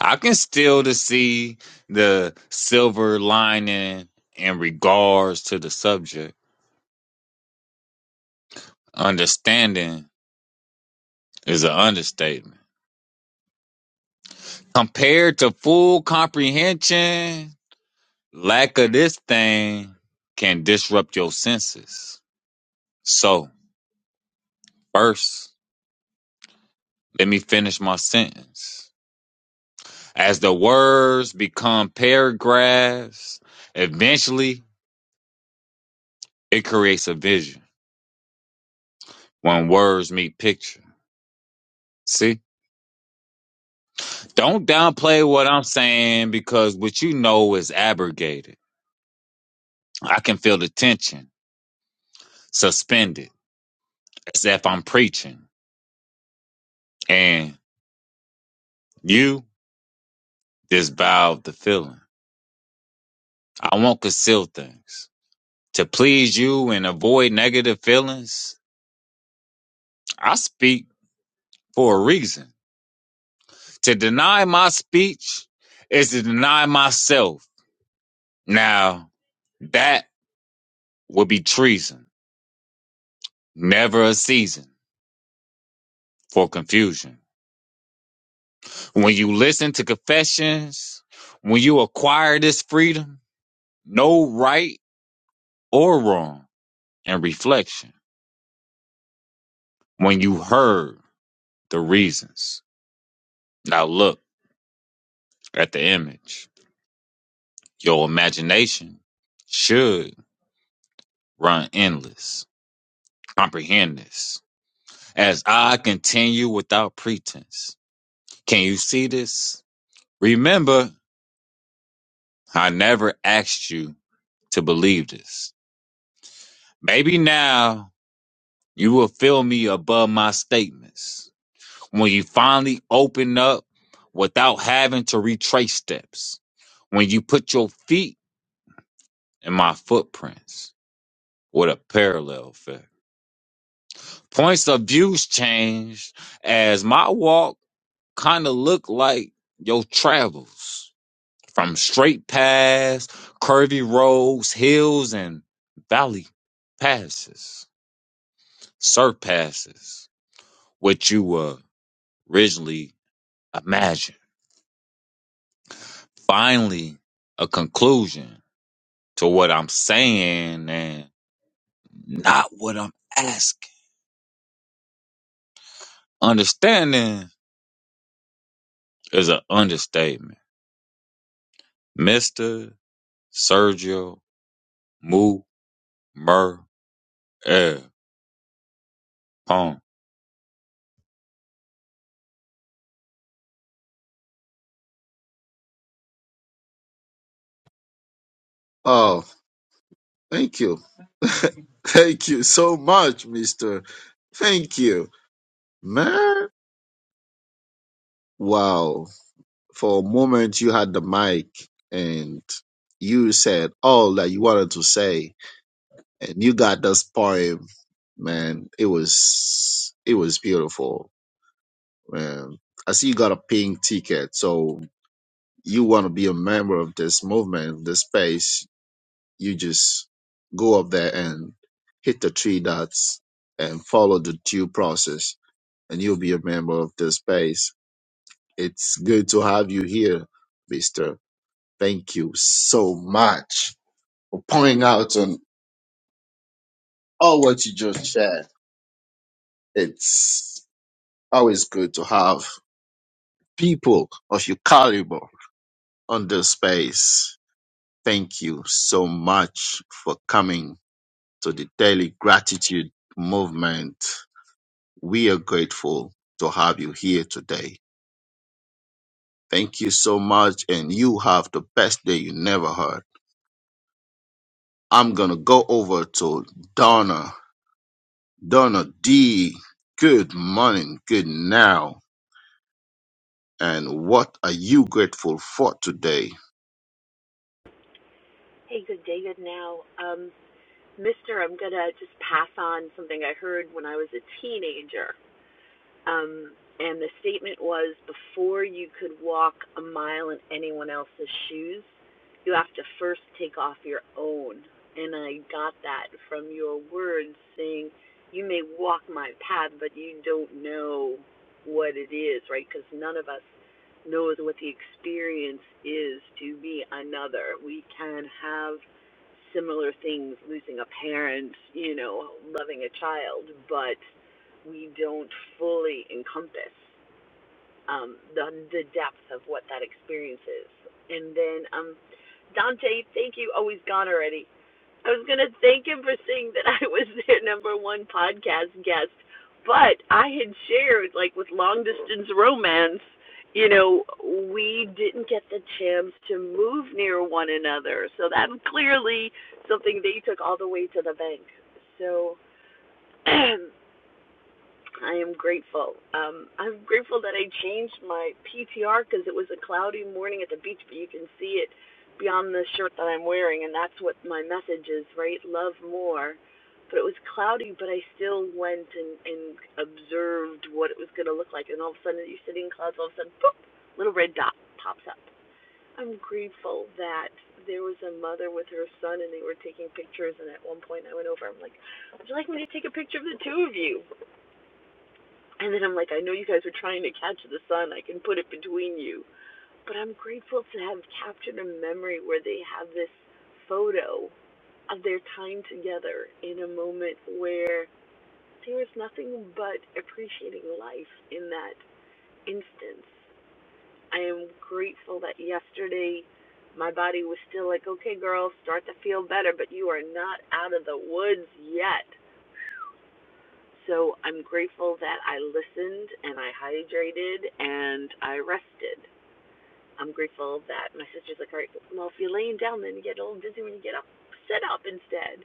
S9: I can still to see the silver lining in regards to the subject. Understanding is an understatement. Compared to full comprehension, lack of this thing can disrupt your senses. So, first, let me finish my sentence. As the words become paragraphs, eventually It creates a vision when words meet picture. See? Don't downplay what I'm saying because what you know is abrogated. I can feel the tension suspended as if I'm preaching. And you disavowed the feeling. I won't conceal things. To please you and avoid negative feelings, I speak for a reason. To deny my speech is to deny myself. Now, that would be treason. never a season for confusion. When you listen to confessions, when you acquire this freedom, no right or wrong and reflection. When you heard the reasons, now look at the image. Your imagination should run endless. Comprehend this. As I continue without pretense. Can you see this? Remember, I never asked you to believe this. Maybe now you will feel me above my statements when you finally open up without having to retrace steps. When you put your feet in my footprints with a parallel effect. Points of views changed as my walk kind of looked like your travels from straight paths, curvy roads, hills, and valley passes, surpasses what you were originally imagined. Finally, a conclusion to what I'm saying and not what I'm asking. Understanding is an understatement. Mr. Sergio Mu Mer Pong.
S3: Oh, thank you, thank you so much, Mister. Thank you, man. Wow. For a moment, you had the mic and you said all that you wanted to say, and you got this poem, man. It was it was beautiful Um, I see you got a pink ticket, so you want to be a member of this movement, this space. You just go up there and hit the three dots and follow the due process, and you'll be a member of this space. It's good to have you here, Mister. Thank you so much for pointing out on all what you just shared. It's always good to have people of your caliber on this space Thank you so much for coming to the Daily Gratitude Movement. We are grateful to have you here today. Thank you so much, and you have the best day you never heard. I'm gonna go over to Donna. Donna D, good morning, good now, and what are you grateful for today?
S13: Hey, good day, good now. Um, Mister, I'm gonna just pass on something I heard when I was a teenager. Um, and the statement was before you could walk a mile in anyone else's shoes, you have to first take off your own. And I got that from your words saying, you may walk my path, but you don't know what it is, right? Because none of us knows what the experience is to be another. We can have similar things, losing a parent, you know, loving a child, but we don't fully encompass um, the the depth of what that experience is. And then um, Dante, thank you. Oh, he's gone already. I was gonna thank him for saying that I was their number one podcast guest, but I had shared like with long distance romance. You know, we didn't get the chance to move near one another, so that's clearly something they took all the way to the bank. So I am grateful. Um, I'm grateful that I changed my PTR because it was a cloudy morning at the beach, but you can see it beyond the shirt that I'm wearing, and that's what my message is, right? Love more. But it was cloudy, but I still went and, and observed what it was going to look like, and all of a sudden you're sitting in clouds, all of a sudden, boop, little red dot pops up. I'm grateful that there was a mother with her son, and they were taking pictures, and at one point I went over, I'm like, would you like me to take a picture of the two of you? And then I'm like, I know you guys are trying to catch the sun. I can put it between you. But I'm grateful to have captured a memory where they have this photo of their time together in a moment where there was nothing but appreciating life in that instance. I am grateful that yesterday my body was still like, okay, girl, start to feel better, but you are not out of the woods yet. So I'm grateful that I listened and I hydrated and I rested. I'm grateful that my sister's like, all right, well, if you're laying down, then you get all dizzy when you get up. Sit up instead.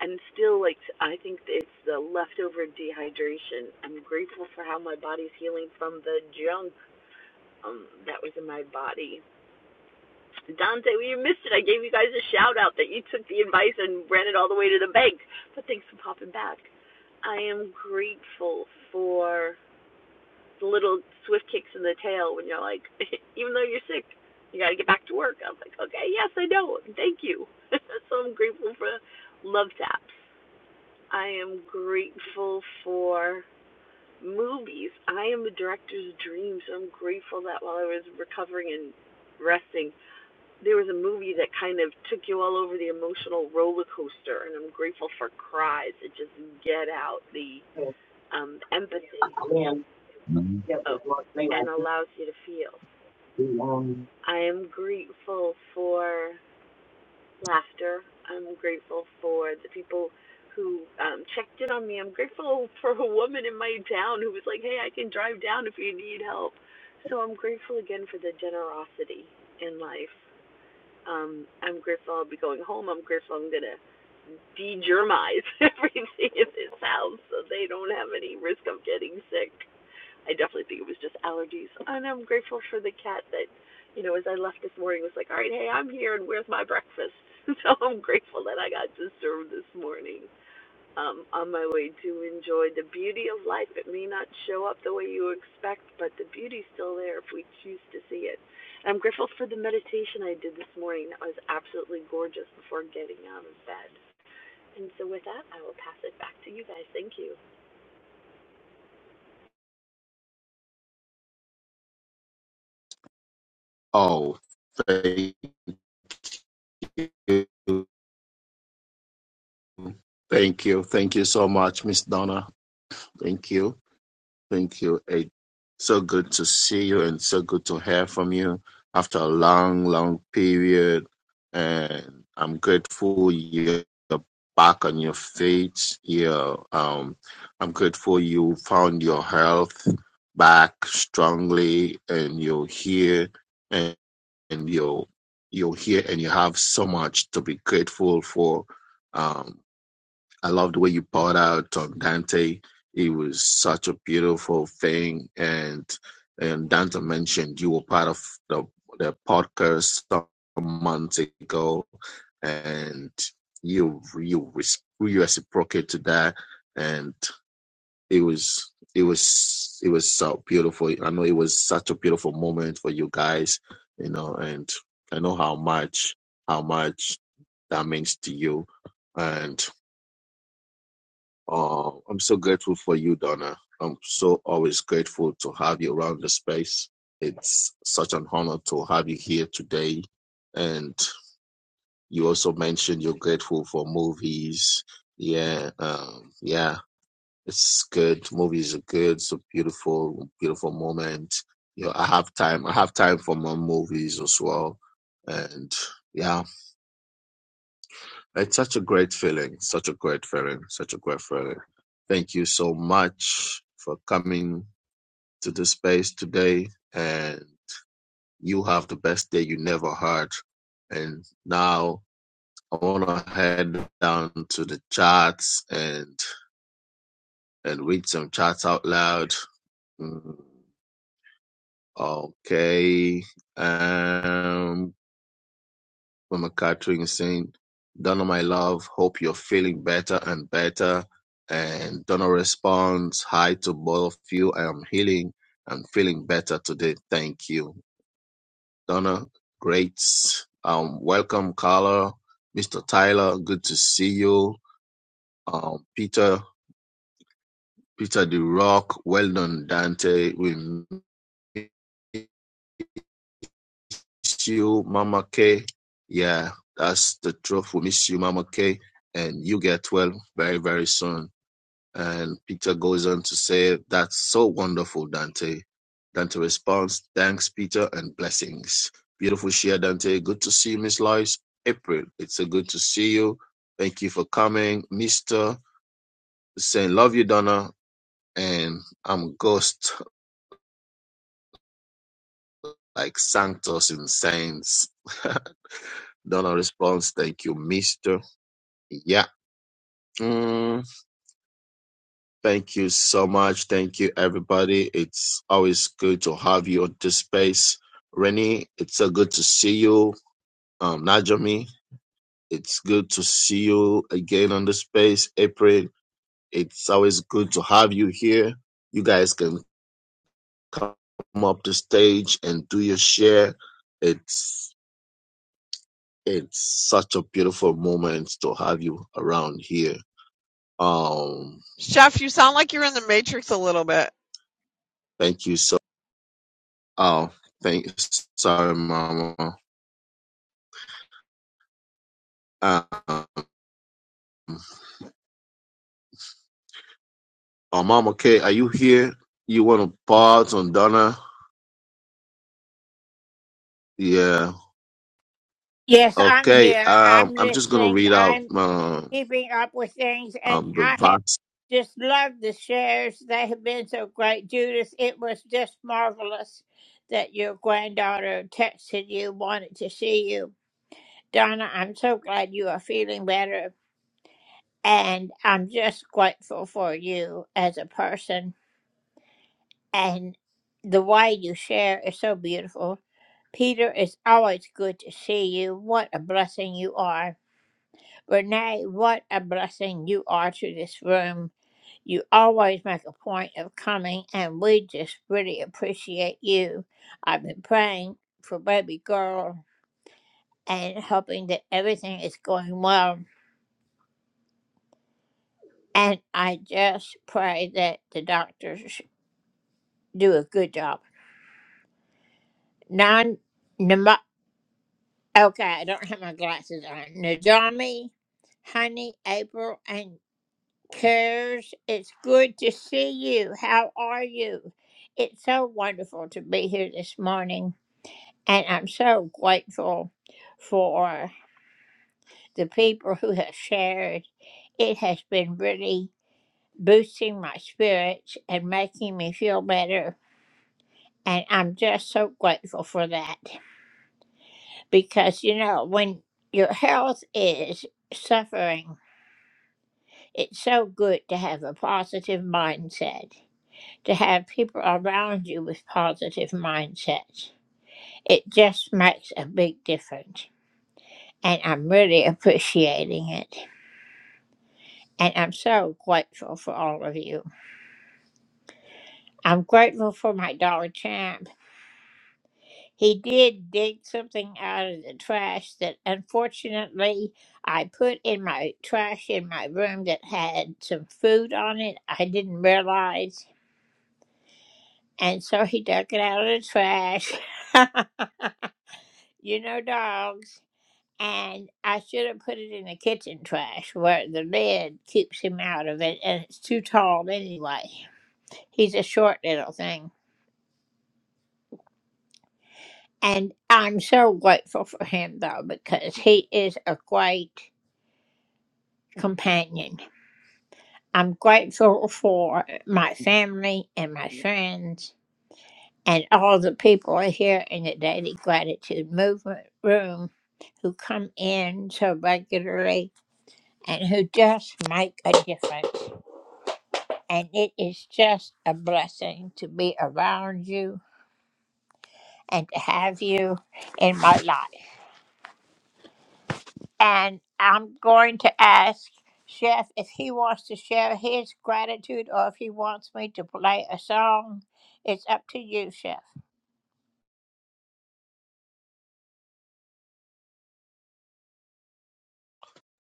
S13: And still, like, I think it's the leftover dehydration. I'm grateful for how my body's healing from the junk um, that was in my body. Dante, well, you missed it. I gave you guys a shout out that you took the advice and ran it all the way to the bank. But thanks for popping back. I am grateful for the little swift kicks in the tail when you're like, even though you're sick, you got to get back to work. I was like, okay, yes, I know. Thank you. so I'm grateful for love taps. I am grateful for movies. I am a director's dream, so I'm grateful that while I was recovering and resting, there was a movie that kind of took you all over the emotional roller coaster, and I'm grateful for cries that just get out the um, empathy oh, and allows you to feel.
S9: Mhm.
S13: I am grateful for laughter. I'm grateful for the people who um, checked in on me. I'm grateful for a woman in my town who was like, hey, I can drive down if you need help. So I'm grateful again for the generosity in life. Um, I'm grateful I'll be going home. I'm grateful I'm going to de-germize everything in this house so they don't have any risk of getting sick. I definitely think it was just allergies. And I'm grateful for the cat that, you know, as I left this morning was like, All right, hey, I'm here and where's my breakfast? So I'm grateful that I got to serve this morning. Um, on my way to enjoy the beauty of life. It may not show up the way you expect, but the beauty's still there if we choose to see it. And I'm grateful for the meditation I did this morning. That was absolutely gorgeous before getting out of bed. And so with that, I will pass it back to you guys. Thank you.
S3: Oh, thank you. Thank you. Thank you so much, Miss Donna. Thank you. Thank you, Ed. So good to see you and so good to hear from you after a long, long period. And I'm grateful you're back on your feet. Yeah, um, I'm grateful you found your health back strongly and you're here and, and you're, you're here and you have so much to be grateful for. Um, I love the way you poured out on Dante. It was such a beautiful thing. And and Dante mentioned you were part of the the podcast some months ago, and you you res- you reciprocate to that, and it was it was it was so beautiful. I know it was such a beautiful moment for you guys, you know, and I know how much how much that means to you, and. Oh, I'm so grateful for you, Donna. I'm so always grateful to have you around the space. It's such an honor to have you here today. And you also mentioned you're grateful for movies. Yeah, um, yeah, it's good. Movies are good. It's a beautiful, beautiful moment. You know, I have time. I have time for my movies as well. And yeah, it's such a great feeling, such a great feeling, such a great feeling. Thank you so much for coming to the space today. And you have the best day you never had. And now I want to head down to the charts and and read some charts out loud. Mm, Okay. um, Mama Catherine saying, Donna, my love, hope you're feeling better and better. And Donna responds, Hi to both of you. I am healing and feeling better today. Thank you. Donna, great. Um, welcome, Carla. Mr. Tyler, good to see you. Um, Peter, Peter the Rock, well done, Dante. We miss you, Mama K. Yeah, that's the truth. We miss you, Mama K. And you get well very, very soon. And Peter goes on to say, That's so wonderful, Dante. Dante responds, Thanks, Peter, and blessings. Beautiful share, Dante. Good to see you, Miss Lois. April, it's a good to see you. Thank you for coming. Mr. saying, Love you, Donna. And I'm ghost like Santos in Saints. Donna responds, Thank you, Mr. Yeah Mm, thank you so much. Thank you, everybody. It's always good to have you on this space. Rennie, it's so good to see you. Um, Najami, it's good to see you again on the space. April, it's always good to have you here. You guys can come up the stage and do your share. It's it's such a beautiful moment to have you around here. Um,
S8: Chef, you sound like you're in the Matrix a little bit.
S3: thank you so Oh, thanks. Sorry, Mama. Um, oh, Mama K, are you here? You want to pause on Donna? Yeah. Okay. Um, I'm just gonna read out um, um the verse.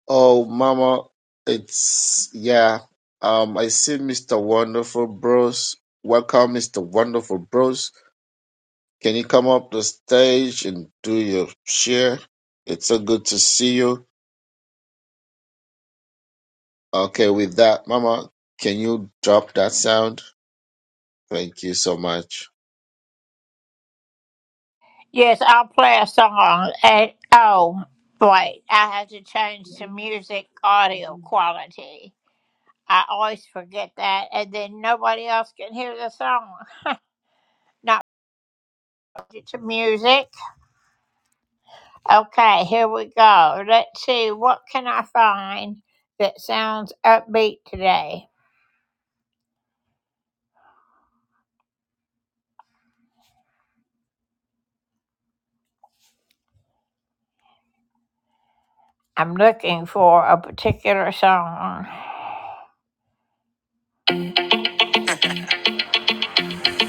S3: Oh, Mama, it's yeah. Um, I see Mr. Wonderful Bros. Welcome, Mr. Wonderful Bros. Can you come up the stage and do your share? It's so good to see you. Okay, with that, Mama, can you drop that sound? Thank you so much.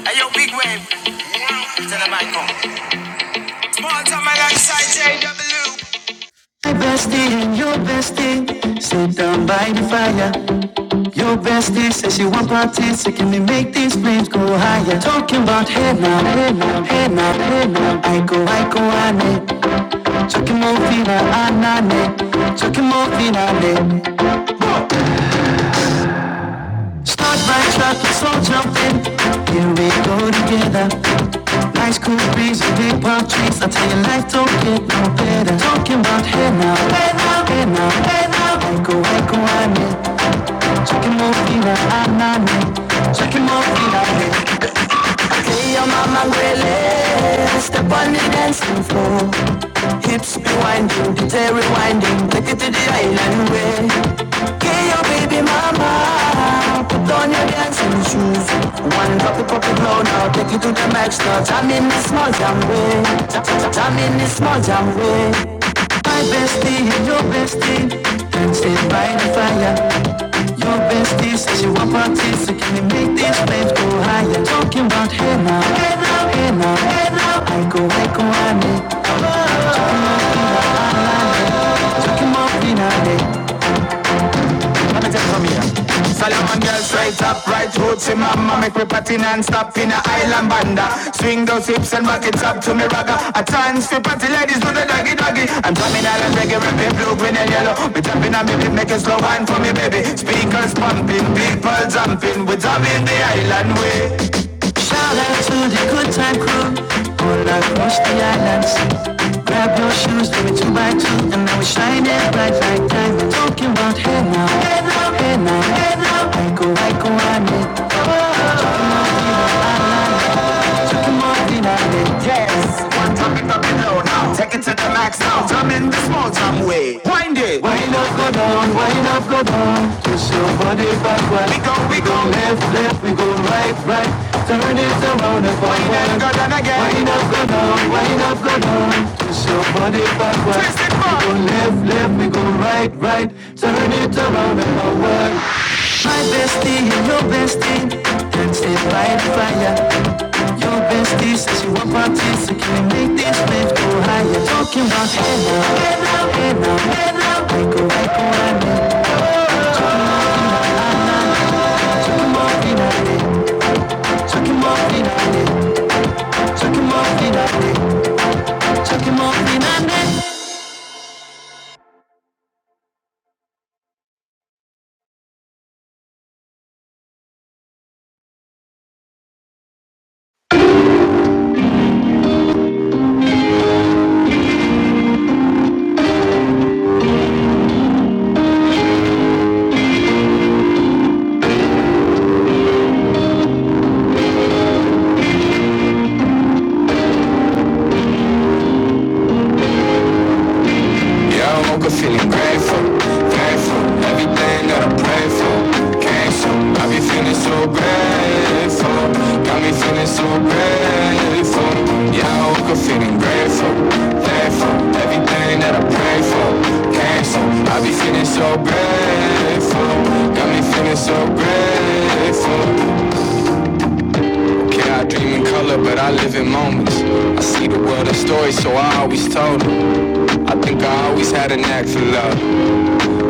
S1: Hey, big wave. Tell them I come. Small time alongside JW. My bestie and your bestie sit down by the fire. Your bestie says she want parties, so can we make these flames go higher? Talking about hey now, hey now, hey now, hey now. I go, I go, I need. Talking more fina, I need. Talking more fina, I need. Start by track, slow jumping. Here we go together. Ice cool breeze and big palm trees. I tell you, life don't get no better. Talking about hey now, hey now, hey now, hey now. Echo, echo, I need. Check him out, feel like I'm not me. Check him out, feel like Say your mama really step on the dancing floor. Hips be winding, DJ rewinding, take it to the island way. Get your baby mama, put on your dancing shoes. One drop it, pop it now, take it to the max now. Jam in the small jam way, jam, jam in the small jam way. My bestie and your bestie, dancing by the fire. Your bestie says she want parties, so can we make these flames go higher? Talking about hey now, hey now, hey now, hey now. I go, I go, I need. Talking about finale, talking about finale. Let me take it from here. Solomon girl straight up, right roots in mama. Make me party non-stop in a island banda. Swing those hips and back it up to me ragga. A chance for party ladies do the doggy doggy. I'm drumming island reggae, rapping blue, green and yellow. We jumping on me, beat, make a slow wine for me baby. Speakers pumping, people jumping. We drumming the island way. Shout out to the good time crew all across the islands. Grab your shoes, baby, two by two, and now we shine it bright like diamonds. Talking about hey now, hey now, hey now, hey now. I go, I go, I need. Talking about Vina, I like. Talking about Vina, I need one time it up and low now. Take it to the max now. Jump in the small jam way. Wind it. Wind up, go down, wind up, go down. Twist your body backward. We go, we go. left, left, we go right, right. Turn it around and Wind up, go down again. Wind up, go down, wind up, go down. Twist your body backward. Twist it back. We go left, left, we go right, right. Turn it around and forward. My bestie your bestie danced it by the fire. Your bestie says you want parties, so can we make this wave go higher? Talking about hey now, hey now, hey now, hey now, make a wine now. Chuck 'em off in a day, chuck 'em off in a day, chuck 'em off in a day, chuck 'em off in a day. I woke up feeling grateful, grateful. Everything that I pray for came so. I be feeling so grateful, got me feeling so grateful. Yeah, I woke up feeling grateful, got me feeling so grateful. Okay, I dream in color, but I live in moments. I see the world in stories, so I always told 'em. I think I always had a knack for love.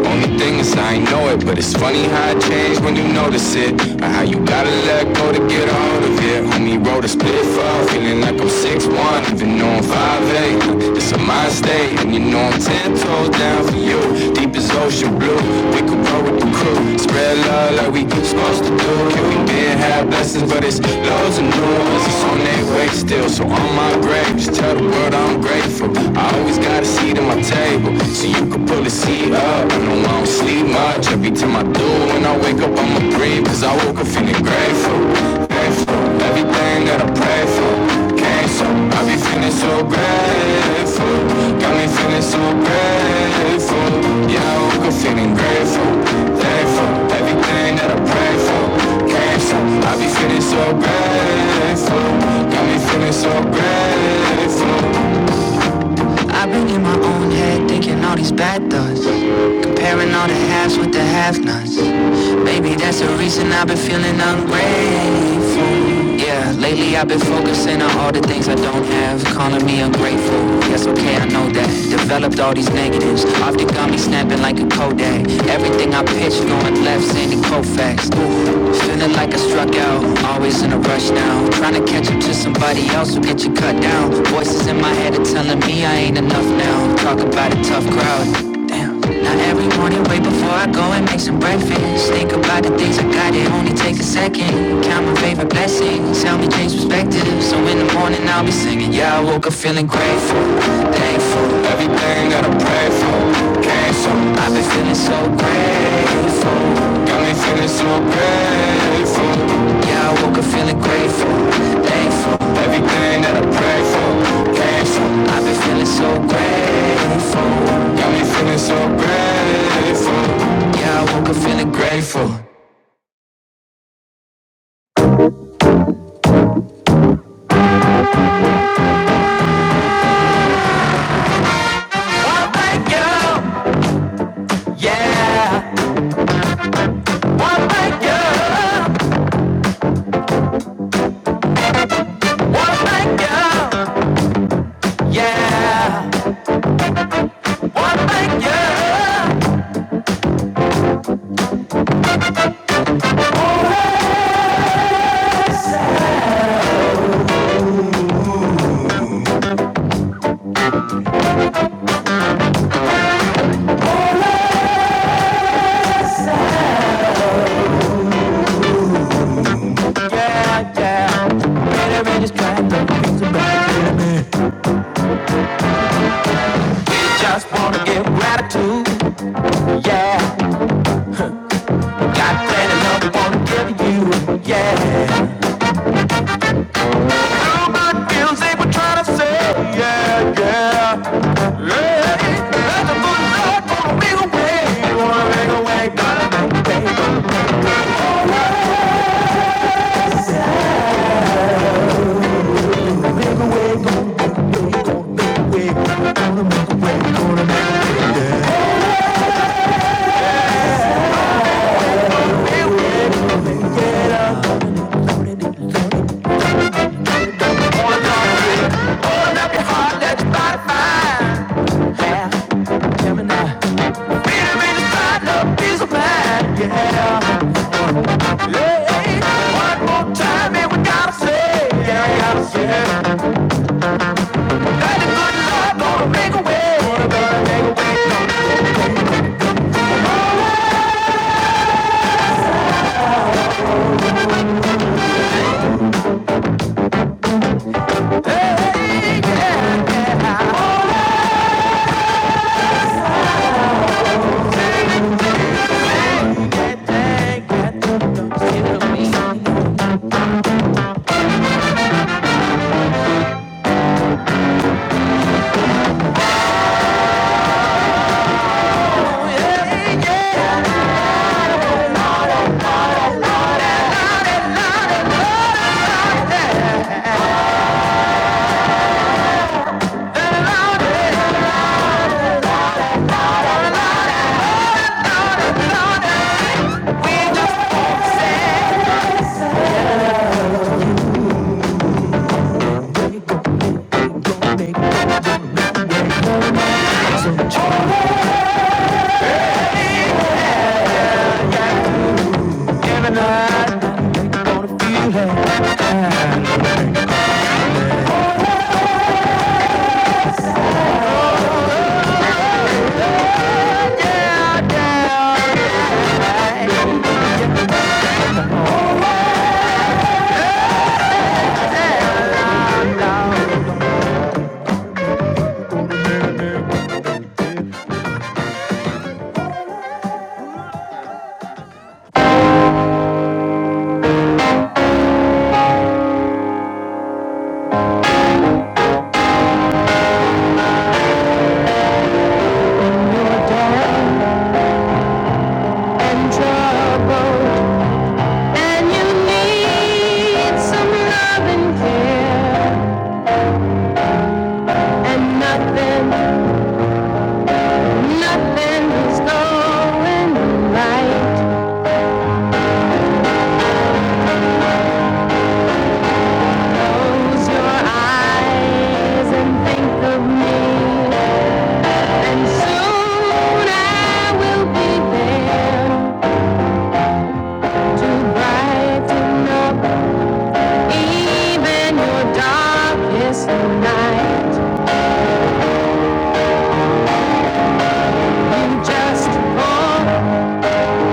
S1: Only thing is I ain't know it, but it's funny how it changed when you notice it. Or how you gotta let go to get a hold of it. Homie wrote a split fall, feeling like I'm six one, even though I'm five eight. It's a mind state, and you know I'm 10 toes down for you. Deep as ocean blue, we could roll with the crew. Spread love like we supposed to do. Can we been have blessings, but it's loads of new ones. It's on their way still, so on my grave, just tell the world I'm grateful. I always gotta see them, I my table so you can pull the seat up. I know I don't sleep much. Every time I do, when I wake up, I'ma breathe. Cause I woke up feeling grateful. Grateful. Everything that I pray for came so. I be feeling so grateful. Got me feeling so grateful. Yeah, I woke up feeling grateful. Grateful. Everything that I pray for came so. I be feeling so grateful. Got me feeling so grateful. I've been in my own head thinking all these bad thoughts. Comparing all the halves with the half nots. Maybe that's the reason I've been feeling ungrateful. Yeah, lately I've been focusing on all the things I don't have. Calling me ungrateful. Yes, okay, I know that. Developed all these negatives. Often got me snapping like a Kodak. Everything I pitch going one left, Sandy Koufax. Ooh, feeling like I struck out, always in a rush now. Trying to catch up to somebody else who get you cut down. Voices in my head are telling me I ain't enough now. Talk about a tough crowd. Damn. Now every morning, wait before I go and make some breakfast. Think about the things I got, it only takes a second. Count my favorite blessings, help me change perspective. So in the morning, I'll be singing. Yeah, I woke up feeling grateful, thankful. Everything that I pray for grateful. I've been feeling so grateful. Got me feeling so grateful. Yeah, I woke up feeling grateful, thankful. Everything that I prayed for grateful. I've been feeling so grateful. Got me feeling so grateful. Yeah, I woke up feeling grateful. One night, girl. Yeah. One night, girl. One night, girl. Yeah. One night, girl. Oh, Yeah, yeah. Better and just trying to make things about you. Just wanna give gratitude. Yeah. Got plenty of love I wanna give you. Yeah. All my feelings they were trying to say. Yeah, yeah. Yeah. That's the good Lord, wanna make a way. You Wanna make a way. Gonna make a way. Gonna make a way. Gonna make a way. Gonna make a way. One more time, to say. Yeah, yeah, yeah. Close your eyes and think of me. And soon I will be there to brighten up even your darkest night. You just call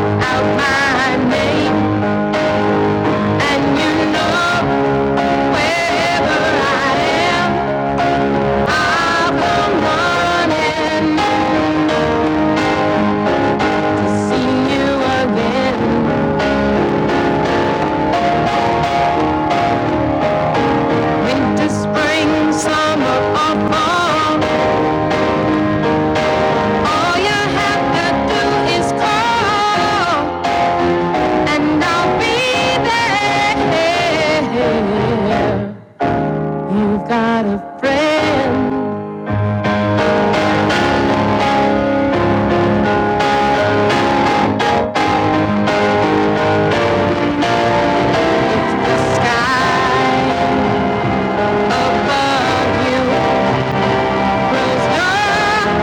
S1: out my name, and you know wherever I am, I'll come running see you again. Winter, spring, summer, or All you have to do is call, and I'll be there. You've got a friend. The sky above you grows dark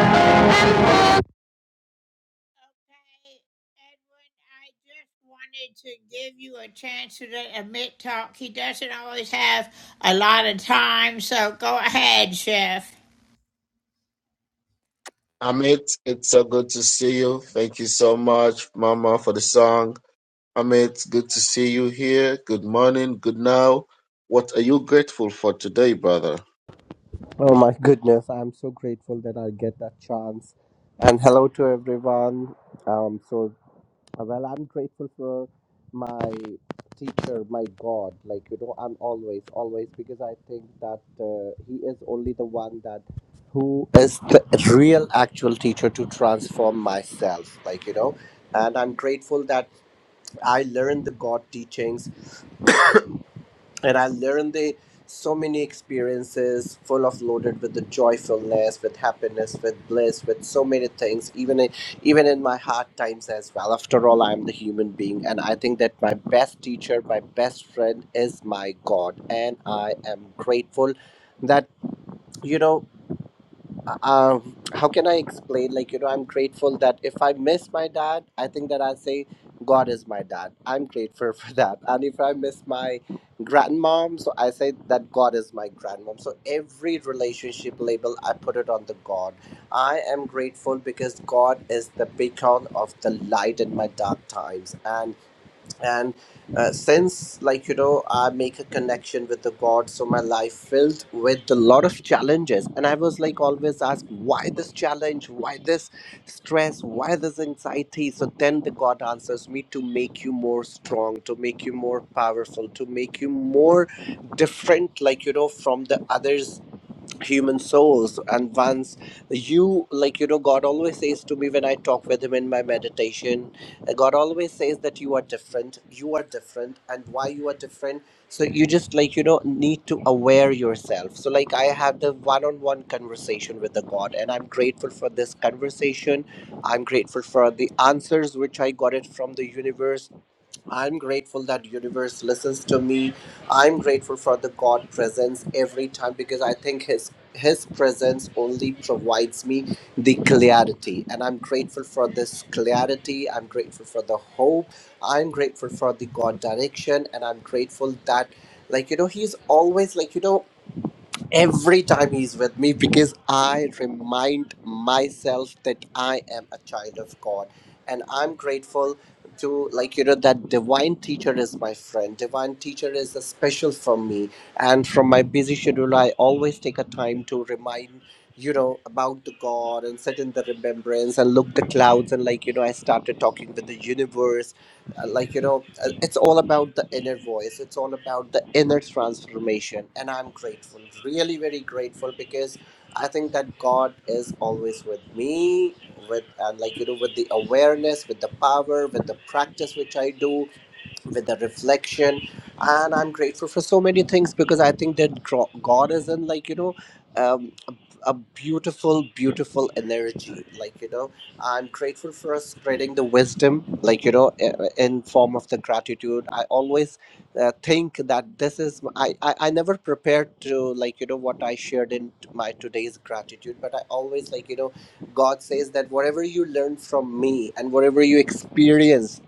S1: and full
S3: Amit, it's so good to see you. Thank you so much, Mama, for the song. Amit, good to see you here. Good morning, good now. What are you grateful for today, brother?
S14: Oh my goodness, I'm so grateful that I get that chance. And hello to everyone. Um, so, uh, well, I'm grateful for my teacher, my God. Like, you know, I'm always, always, because I think that uh, he is only the one that who is the real actual teacher to transform myself. Like, you know, and I'm grateful that I learned the God teachings and I learned the so many experiences full of loaded with the joyfulness, with happiness, with bliss, with so many things, even in, even in my hard times as well. After all, I'm the human being, and I think that my best teacher, my best friend is my God, and I am grateful that you know uh, how can I explain? Like, you know, I'm grateful that if I miss my dad, I think that I say, God is my dad. I'm grateful for that. And if I miss my grandmom, so I say that God is my grandmom. So every relationship label, I put it on the God. I am grateful because God is the beacon of the light in my dark times. And and uh, since like you know i make a connection with the god so my life filled with a lot of challenges and i was like always asked why this challenge why this stress why this anxiety so then the god answers me to make you more strong to make you more powerful to make you more different like you know from the others human souls and once you like you know god always says to me when i talk with him in my meditation uh, god always says that you are different you are different and why you are different so you just like you know need to aware yourself so like i had the one-on-one conversation with the god and i'm grateful for this conversation i'm grateful for the answers which i got it from the universe I'm grateful that universe listens to me. I'm grateful for the God presence every time because I think his his presence only provides me the clarity and I'm grateful for this clarity. I'm grateful for the hope. I'm grateful for the God direction and I'm grateful that like you know he's always like you know every time he's with me because I remind myself that I am a child of God. And I'm grateful to, like, you know, that divine teacher is my friend. Divine teacher is a special for me. And from my busy schedule, I always take a time to remind you know about the god and sit in the remembrance and look the clouds and like you know i started talking with the universe uh, like you know uh, it's all about the inner voice it's all about the inner transformation and i'm grateful really very grateful because i think that god is always with me with and like you know with the awareness with the power with the practice which i do with the reflection and i'm grateful for so many things because i think that gro- god is in like you know um, a, a beautiful beautiful energy like you know i'm grateful for spreading the wisdom like you know i- in form of the gratitude i always uh, think that this is I, I i never prepared to like you know what i shared in my today's gratitude but i always like you know god says that whatever you learn from me and whatever you experience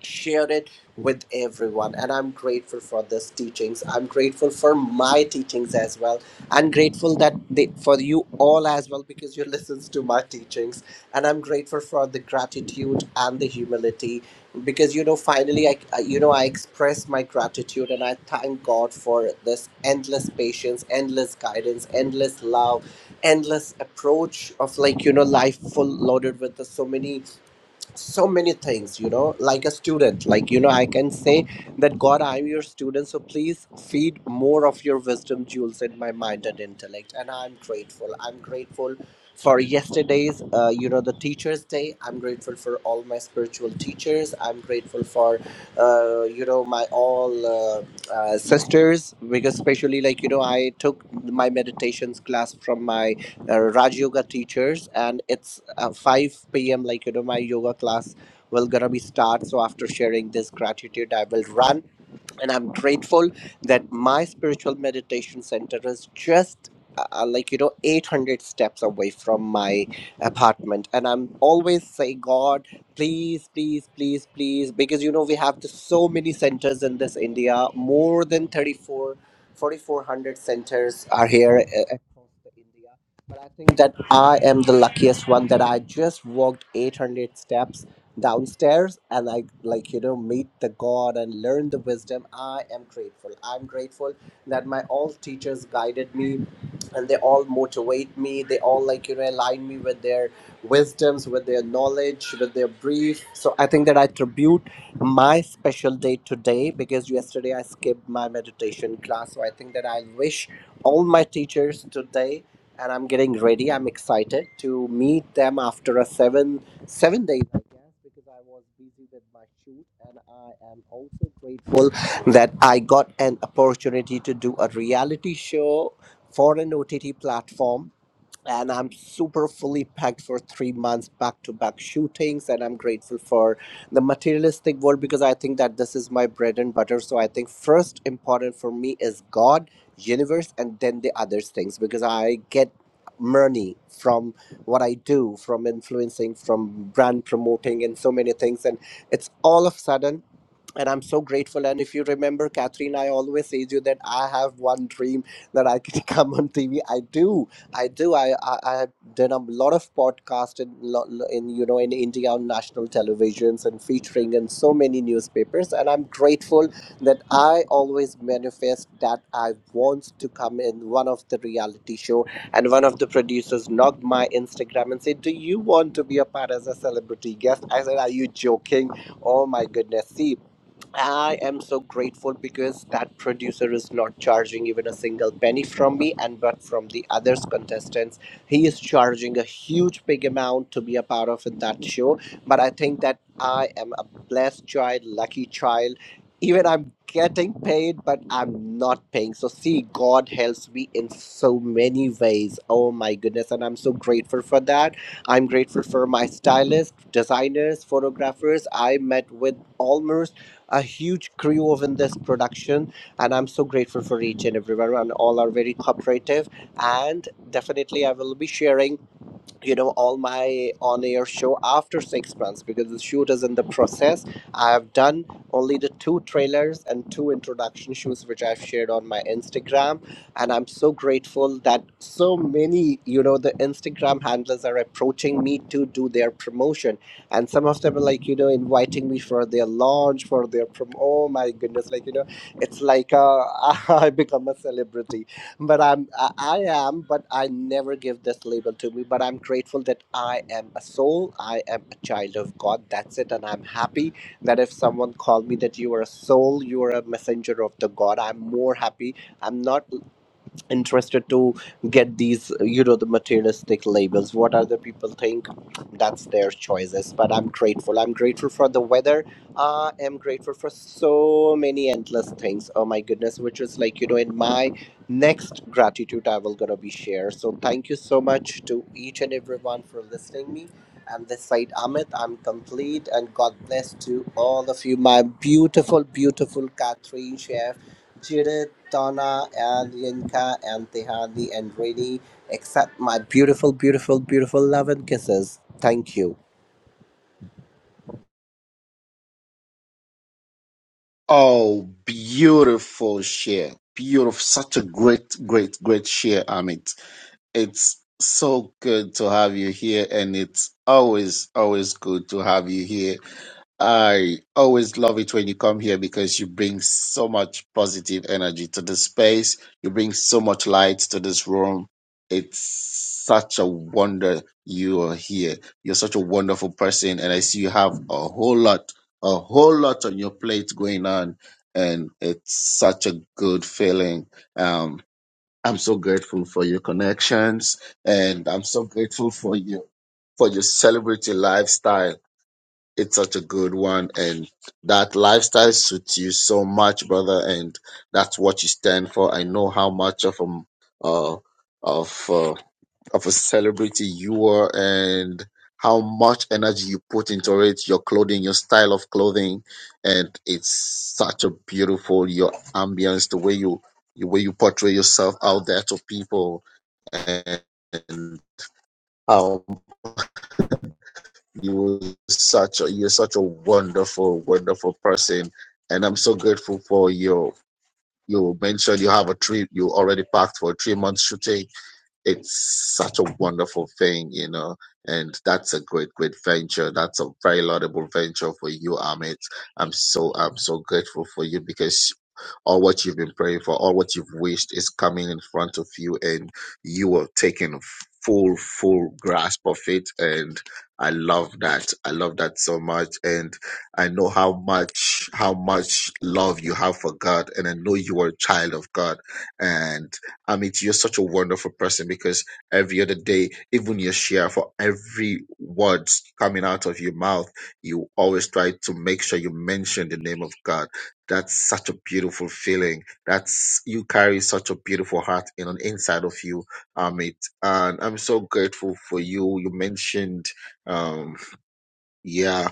S14: share it with everyone and i'm grateful for these teachings i'm grateful for my teachings as well i'm grateful that they, for you all as well because you listens to my teachings and i'm grateful for the gratitude and the humility because you know finally i I- you know i express my gratitude and i thank god for this endless patience endless guidance endless love endless approach of like you know life full loaded with the so many so many things you know like a student like you know i can say that god i am your student so please feed more of your wisdom jewels in my mind and intellect and i'm grateful i'm grateful for yesterday's uh, you know the teachers day i'm grateful for all my spiritual teachers i'm grateful for uh, you know my all uh, uh, sisters because especially like you know i took my meditations class from my uh, Raj Yoga teachers, and it's uh, 5 p.m. Like you know, my yoga class will gonna be start. So after sharing this gratitude, I will run and i'm grateful that my spiritual meditation center is just uh, uh, like you know 800 steps away from my apartment and i'm always say god please please please please because you know we have this, so many centers in this india more than 34 4400 centers are here uh, across the india but i think that i am the luckiest one that i just walked 800 steps downstairs and I like you know meet the God and learn the wisdom. I am grateful. I'm grateful that my all teachers guided me and they all motivate me. They all like you know align me with their wisdoms, with their knowledge, with their brief. So I think that I tribute my special day today because yesterday I skipped my meditation class. So I think that I wish all my teachers today and I'm getting ready. I'm excited to meet them after a seven seven days, I guess, because I was busy with my shoot. And I am also grateful that I got an opportunity to do a reality show for an OTT platform and I'm super fully packed for three months back to back shootings. And I'm grateful for the materialistic world because I think that this is my bread and butter. So I think first important for me is God, universe, and then the other things because I get money from what I do, from influencing, from brand promoting, and so many things. And it's all of sudden and I'm so grateful. And if you remember, Catherine, I always say to you that I have one dream that I can come on TV. I do, I do. I I, I have done a lot of podcasts in, lo- lo- in you know in India on national televisions and featuring in so many newspapers. And I'm grateful that I always manifest that I want to come in one of the reality show. And one of the producers knocked my Instagram and said, "Do you want to be a part as a celebrity guest?" I said, "Are you joking?" Oh my goodness. See, I am so grateful because that producer is not charging even a single penny from me, and but from the others contestants, he is charging a huge big amount to be a part of in that show. But I think that I am a blessed child, lucky child. Even I'm getting paid, but I'm not paying. So see, God helps me in so many ways. Oh my goodness, and I'm so grateful for that. I'm grateful for my stylists, designers, photographers. I met with almost a huge crew within this production, and I'm so grateful for each and everyone, and all are very cooperative. And definitely, I will be sharing you know all my on air show after six months because the shoot is in the process i have done only the two trailers and two introduction shoots which i've shared on my instagram and i'm so grateful that so many you know the instagram handlers are approaching me to do their promotion and some of them are like you know inviting me for their launch for their prom oh my goodness like you know it's like uh, i become a celebrity but I'm I, I am, but I never give this label to me. But I'm grateful that I am a soul. I am a child of God. That's it, and I'm happy that if someone called me that you are a soul, you are a messenger of the God. I'm more happy. I'm not interested to get these you know the materialistic labels what other people think that's their choices but i'm grateful i'm grateful for the weather i am grateful for so many endless things oh my goodness which is like you know in my next gratitude i will gonna be share so thank you so much to each and everyone for listening me and this side amit i'm complete and god bless to all of you my beautiful beautiful catherine Judith, Donna, and Yinka, and Tehani, and Rainy, accept my beautiful, beautiful, beautiful love and kisses. Thank you.
S3: Oh, beautiful share. Beautiful. Such a great, great, great share, Amit. It's so good to have you here, and it's always, always good to have you here I always love it when you come here because you bring so much positive energy to the space. You bring so much light to this room. It's such a wonder you are here. You're such a wonderful person, and I see you have a whole lot, a whole lot on your plate going on, and it's such a good feeling. Um, I'm so grateful for your connections, and I'm so grateful for you for your celebrity lifestyle it's such a good one and that lifestyle suits you so much brother and that's what you stand for i know how much of a uh, of uh, of a celebrity you are and how much energy you put into it your clothing your style of clothing and it's such a beautiful your ambience the way you the way you portray yourself out there to people and how. you were such a you're such a wonderful wonderful person and i'm so grateful for your you mentioned you have a trip you already packed for a three month shooting it's such a wonderful thing you know and that's a great great venture that's a very laudable venture for you amit i'm so i'm so grateful for you because all what you've been praying for, all what you've wished is coming in front of you, and you are taking full, full grasp of it. And I love that. I love that so much. And I know how much, how much love you have for God. And I know you are a child of God. And I mean, you're such a wonderful person because every other day, even your share for every words coming out of your mouth, you always try to make sure you mention the name of God. That's such a beautiful feeling. That's you carry such a beautiful heart in an inside of you, Amit. And I'm so grateful for you. You mentioned, um, yeah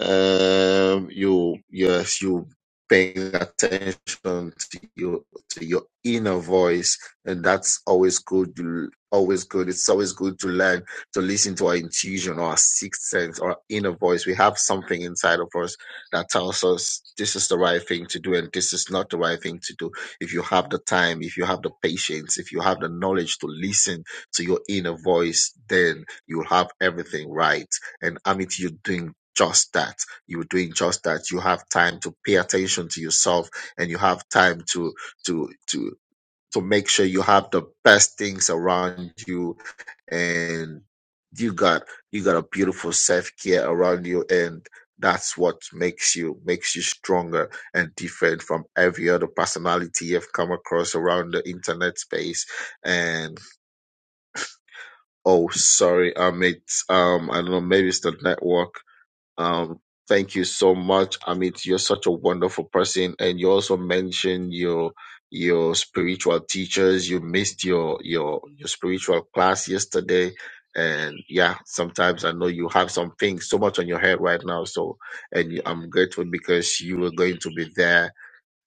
S3: um you yes you paying attention to your to your inner voice and that's always good to- always good it's always good to learn to listen to our intuition or our sixth sense or our inner voice we have something inside of us that tells us this is the right thing to do and this is not the right thing to do if you have the time if you have the patience if you have the knowledge to listen to your inner voice then you'll have everything right and amit you're doing just that. You're doing just that. You have time to pay attention to yourself and you have time to to to to make sure you have the best things around you and you got you got a beautiful self care around you and that's what makes you makes you stronger and different from every other personality you've come across around the internet space and oh sorry um it's um i don't know maybe it's the network um, thank you so much, Amit. You're such a wonderful person, and you also mentioned your your spiritual teachers. You missed your your your spiritual class yesterday, and yeah, sometimes I know you have some things so much on your head right now. So, and you, I'm grateful because you were going to be there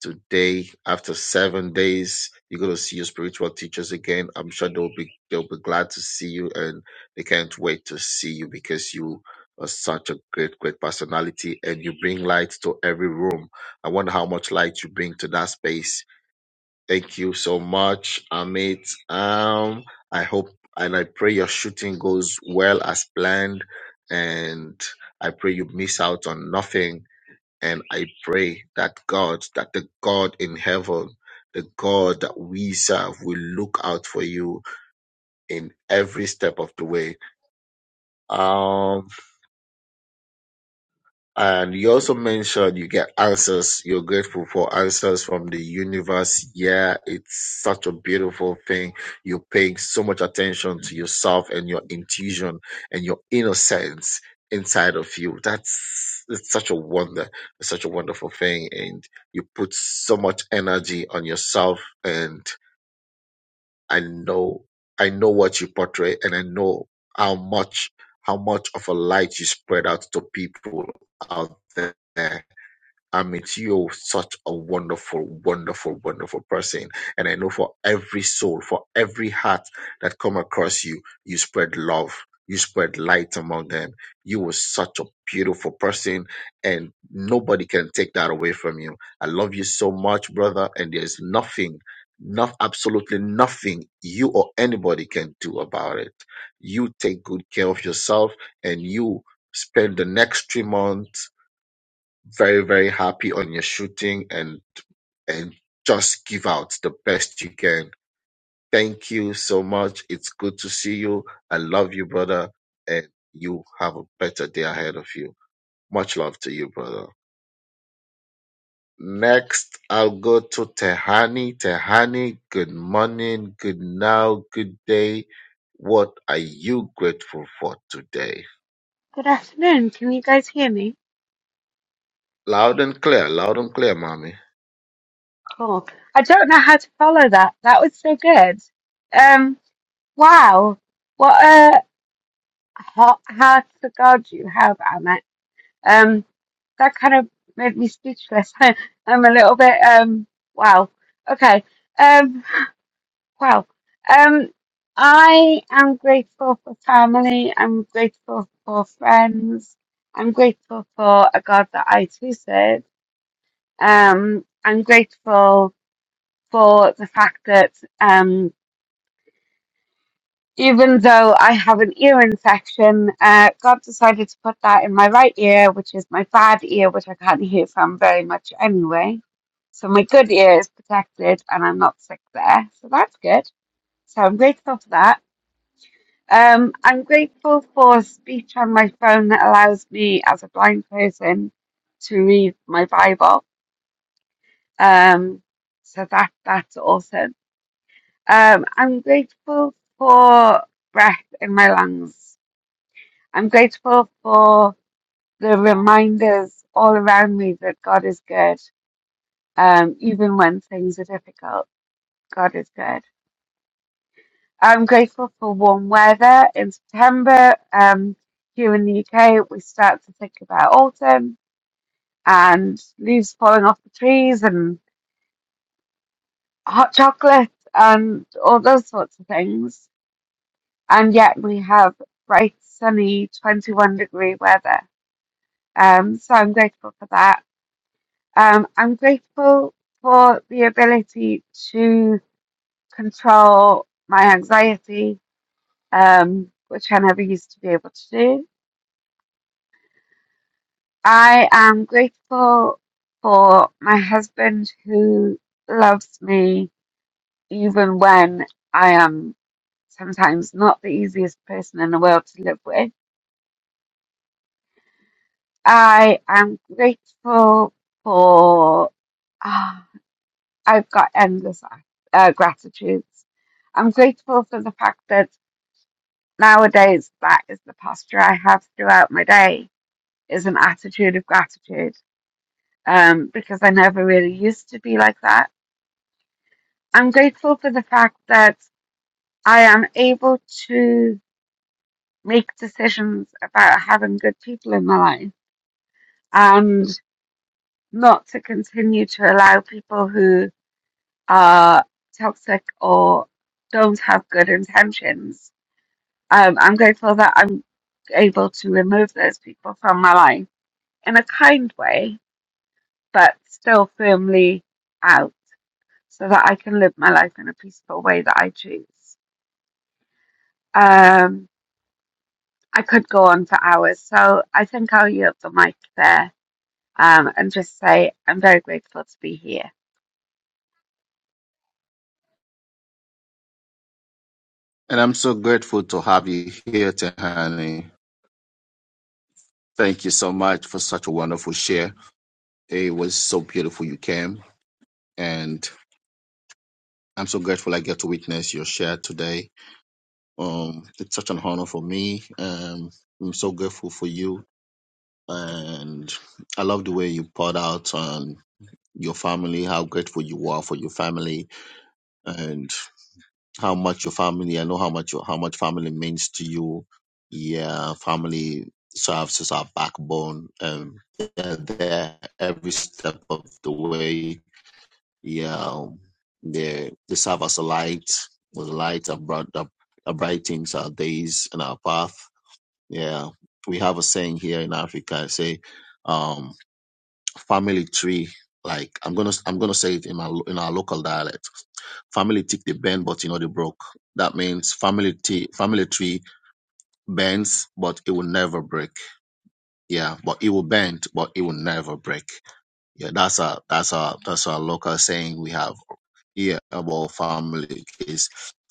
S3: today after seven days you're going to see your spiritual teachers again i'm sure they'll be they'll be glad to see you and they can't wait to see you because you are such a great great personality and you bring light to every room i wonder how much light you bring to that space thank you so much amit um i hope and i pray your shooting goes well as planned and i pray you miss out on nothing and I pray that God, that the God in heaven, the God that we serve, will look out for you in every step of the way. Um, And you also mentioned you get answers. You're grateful for answers from the universe. Yeah, it's such a beautiful thing. You're paying so much attention to yourself and your intuition and your innocence inside of you. That's it's such a wonder. It's such a wonderful thing. And you put so much energy on yourself and. I know I know what you portray and I know how much how much of a light you spread out to people out there. I meet you such a wonderful, wonderful, wonderful person. And I know for every soul, for every heart that come across you, you spread love. You spread light among them. You were such a beautiful person and nobody can take that away from you. I love you so much, brother. And there's nothing, not absolutely nothing you or anybody can do about it. You take good care of yourself and you spend the next three months very, very happy on your shooting and and just give out the best you can. Thank you so much. It's good to see you. I love you, brother, and you have a better day ahead of you. Much love to you, brother. Next, I'll go to Tehani. Tehani, good morning, good now, good day. What are you grateful for today?
S15: Good afternoon. Can you guys hear me?
S3: Loud and clear, loud and clear, mommy.
S15: Cool. I don't know how to follow that. That was so good. Um, wow. What a hot heart for God you have, Amit. Um, that kind of made me speechless. I, I'm a little bit, um, wow. Okay. Um, wow. Um, I am grateful for family. I'm grateful for friends. I'm grateful for a God that I too serve. Um, I'm grateful for the fact that um, even though I have an ear infection, uh, God decided to put that in my right ear, which is my bad ear, which I can't hear from very much anyway. So my good ear is protected and I'm not sick there. So that's good. So I'm grateful for that. Um, I'm grateful for speech on my phone that allows me as a blind person to read my Bible. Um, so that that's awesome. Um, I'm grateful for breath in my lungs. I'm grateful for the reminders all around me that God is good, um, even when things are difficult. God is good. I'm grateful for warm weather in September. Um, here in the UK, we start to think about autumn and leaves falling off the trees and hot chocolate and all those sorts of things. and yet we have bright, sunny, 21 degree weather. Um, so I'm grateful for that. Um, I'm grateful for the ability to control my anxiety, um, which I never used to be able to do. I am grateful for my husband who loves me even when I am sometimes not the easiest person in the world to live with I am grateful for, ah, I've got endless uh, gratitudes. I'm grateful for the fact that nowadays that is the posture I have throughout my day is an attitude of gratitude um, because I never really used to be like that. I'm grateful for the fact that I am able to make decisions about having good people in my life and not to continue to allow people who are toxic or don't have good intentions. Um, I'm grateful that I'm able to remove those people from my life in a kind way, but still firmly out so that I can live my life in a peaceful way that I choose. Um, I could go on for hours, so I think I'll yield the mic there um, and just say I'm very grateful to be here.
S3: And I'm so grateful to have you here, Tehani. Thank you so much for such a wonderful share. It was so beautiful you came, and I'm so grateful I get to witness your share today. Um, it's such an honor for me. Um, I'm so grateful for you, and I love the way you poured out on your family, how grateful you are for your family, and. how much your family, I know how much your- how much family means to you. Yeah, family serves as our backbone, and they're there every step of the way. Yeah, they they serve as a light, with a light that brought up that brightens our days and our path. Yeah, we have a saying here in Africa. I say, um, family tree. Like I'm gonna I'm gonna say it in my in our local dialect. Family tick the bend, but you know they broke. That means family tree family tree bends, but it will never break. Yeah, but it will bend, but it will never break. Yeah, that's a that's a that's a local saying we have yeah about family is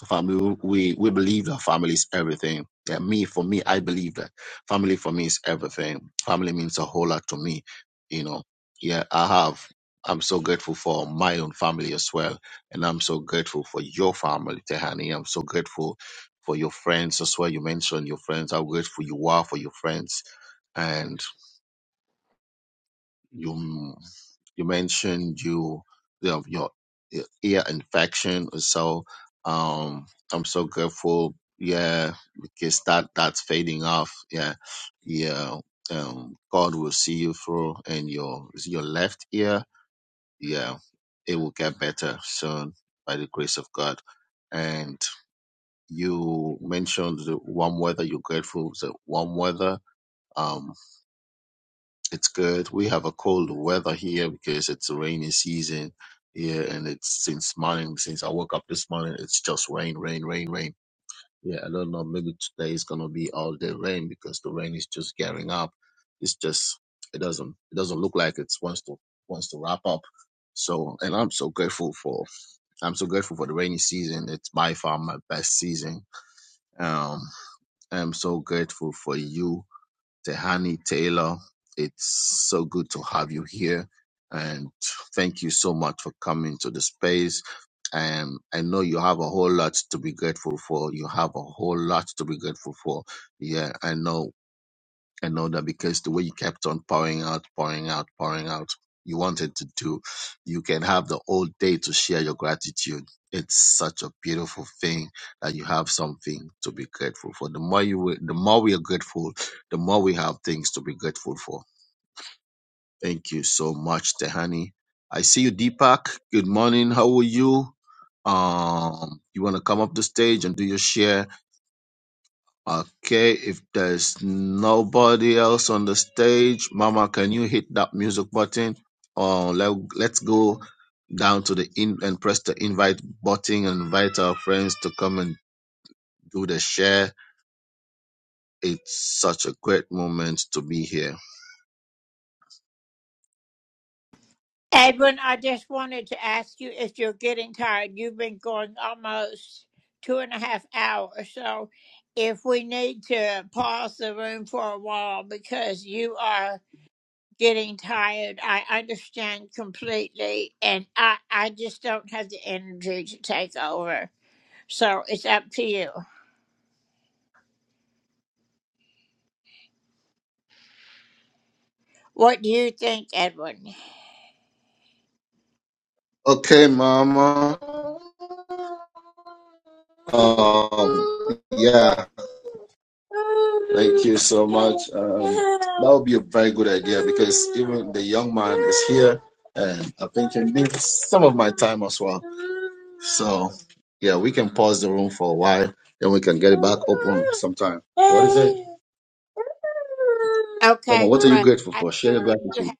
S3: family we we believe that family is everything yeah me for me i believe that family for me is everything family means a whole lot to me you know yeah i have i'm so grateful for my own family as well and i'm so grateful for your family tehani i'm so grateful for your friends as well you mentioned your friends how grateful you are for your friends you mm, you mentioned you you have your ear infection or so um i'm so grateful yeah because that that's fading off yeah yeah um god will see you through and your is it your left ear yeah it will get better soon by the grace of god and you mentioned the warm weather you're grateful for the warm weather Um, it's good. We have a cold weather here because it's a rainy season here, and it's since morning, since I woke up this morning, it's just rain, rain, rain, rain. Yeah, I don't know. Maybe today is gonna be all day rain because the rain is just gearing up. It's just it doesn't it doesn't look like it wants to wants to wrap up. So, and I'm so grateful for I'm so grateful for the rainy season. It's by far my best season. Um, I'm so grateful for you Tehani Taylor. It's so good to have you here. And thank you so much for coming to the space. And I know you have a whole lot to be grateful for. You have a whole lot to be grateful for. Yeah, I know and know that because the way you kept on pouring out, pouring out, pouring out, you wanted to do, you can have the whole day to share your gratitude. It's such a beautiful thing that you have something to be grateful for. The more you, the more we are grateful, the more we have things to be grateful for. Thank you so much, Tehani. I see you, Deepak. Good morning. How are you? Um, you want to come up the stage and do your share? Okay, if there's nobody else on the stage, Mama, can you hit that music button? Or let, let's go down to the in and press the invite button and invite our friends to come and do the share. It's such a great moment to be here. Okay, Mama. Um, Yeah. Thank you so much. Um, that would be a very good idea because even the young man is here and I think he needs some of my time as well. So, yeah, we can pause the room for a while, then we can get it back open sometime. What is it? Come on, what are you grateful for? Share your gratitude.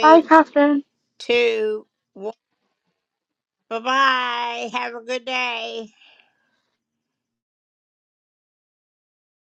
S15: Bye, Catherine.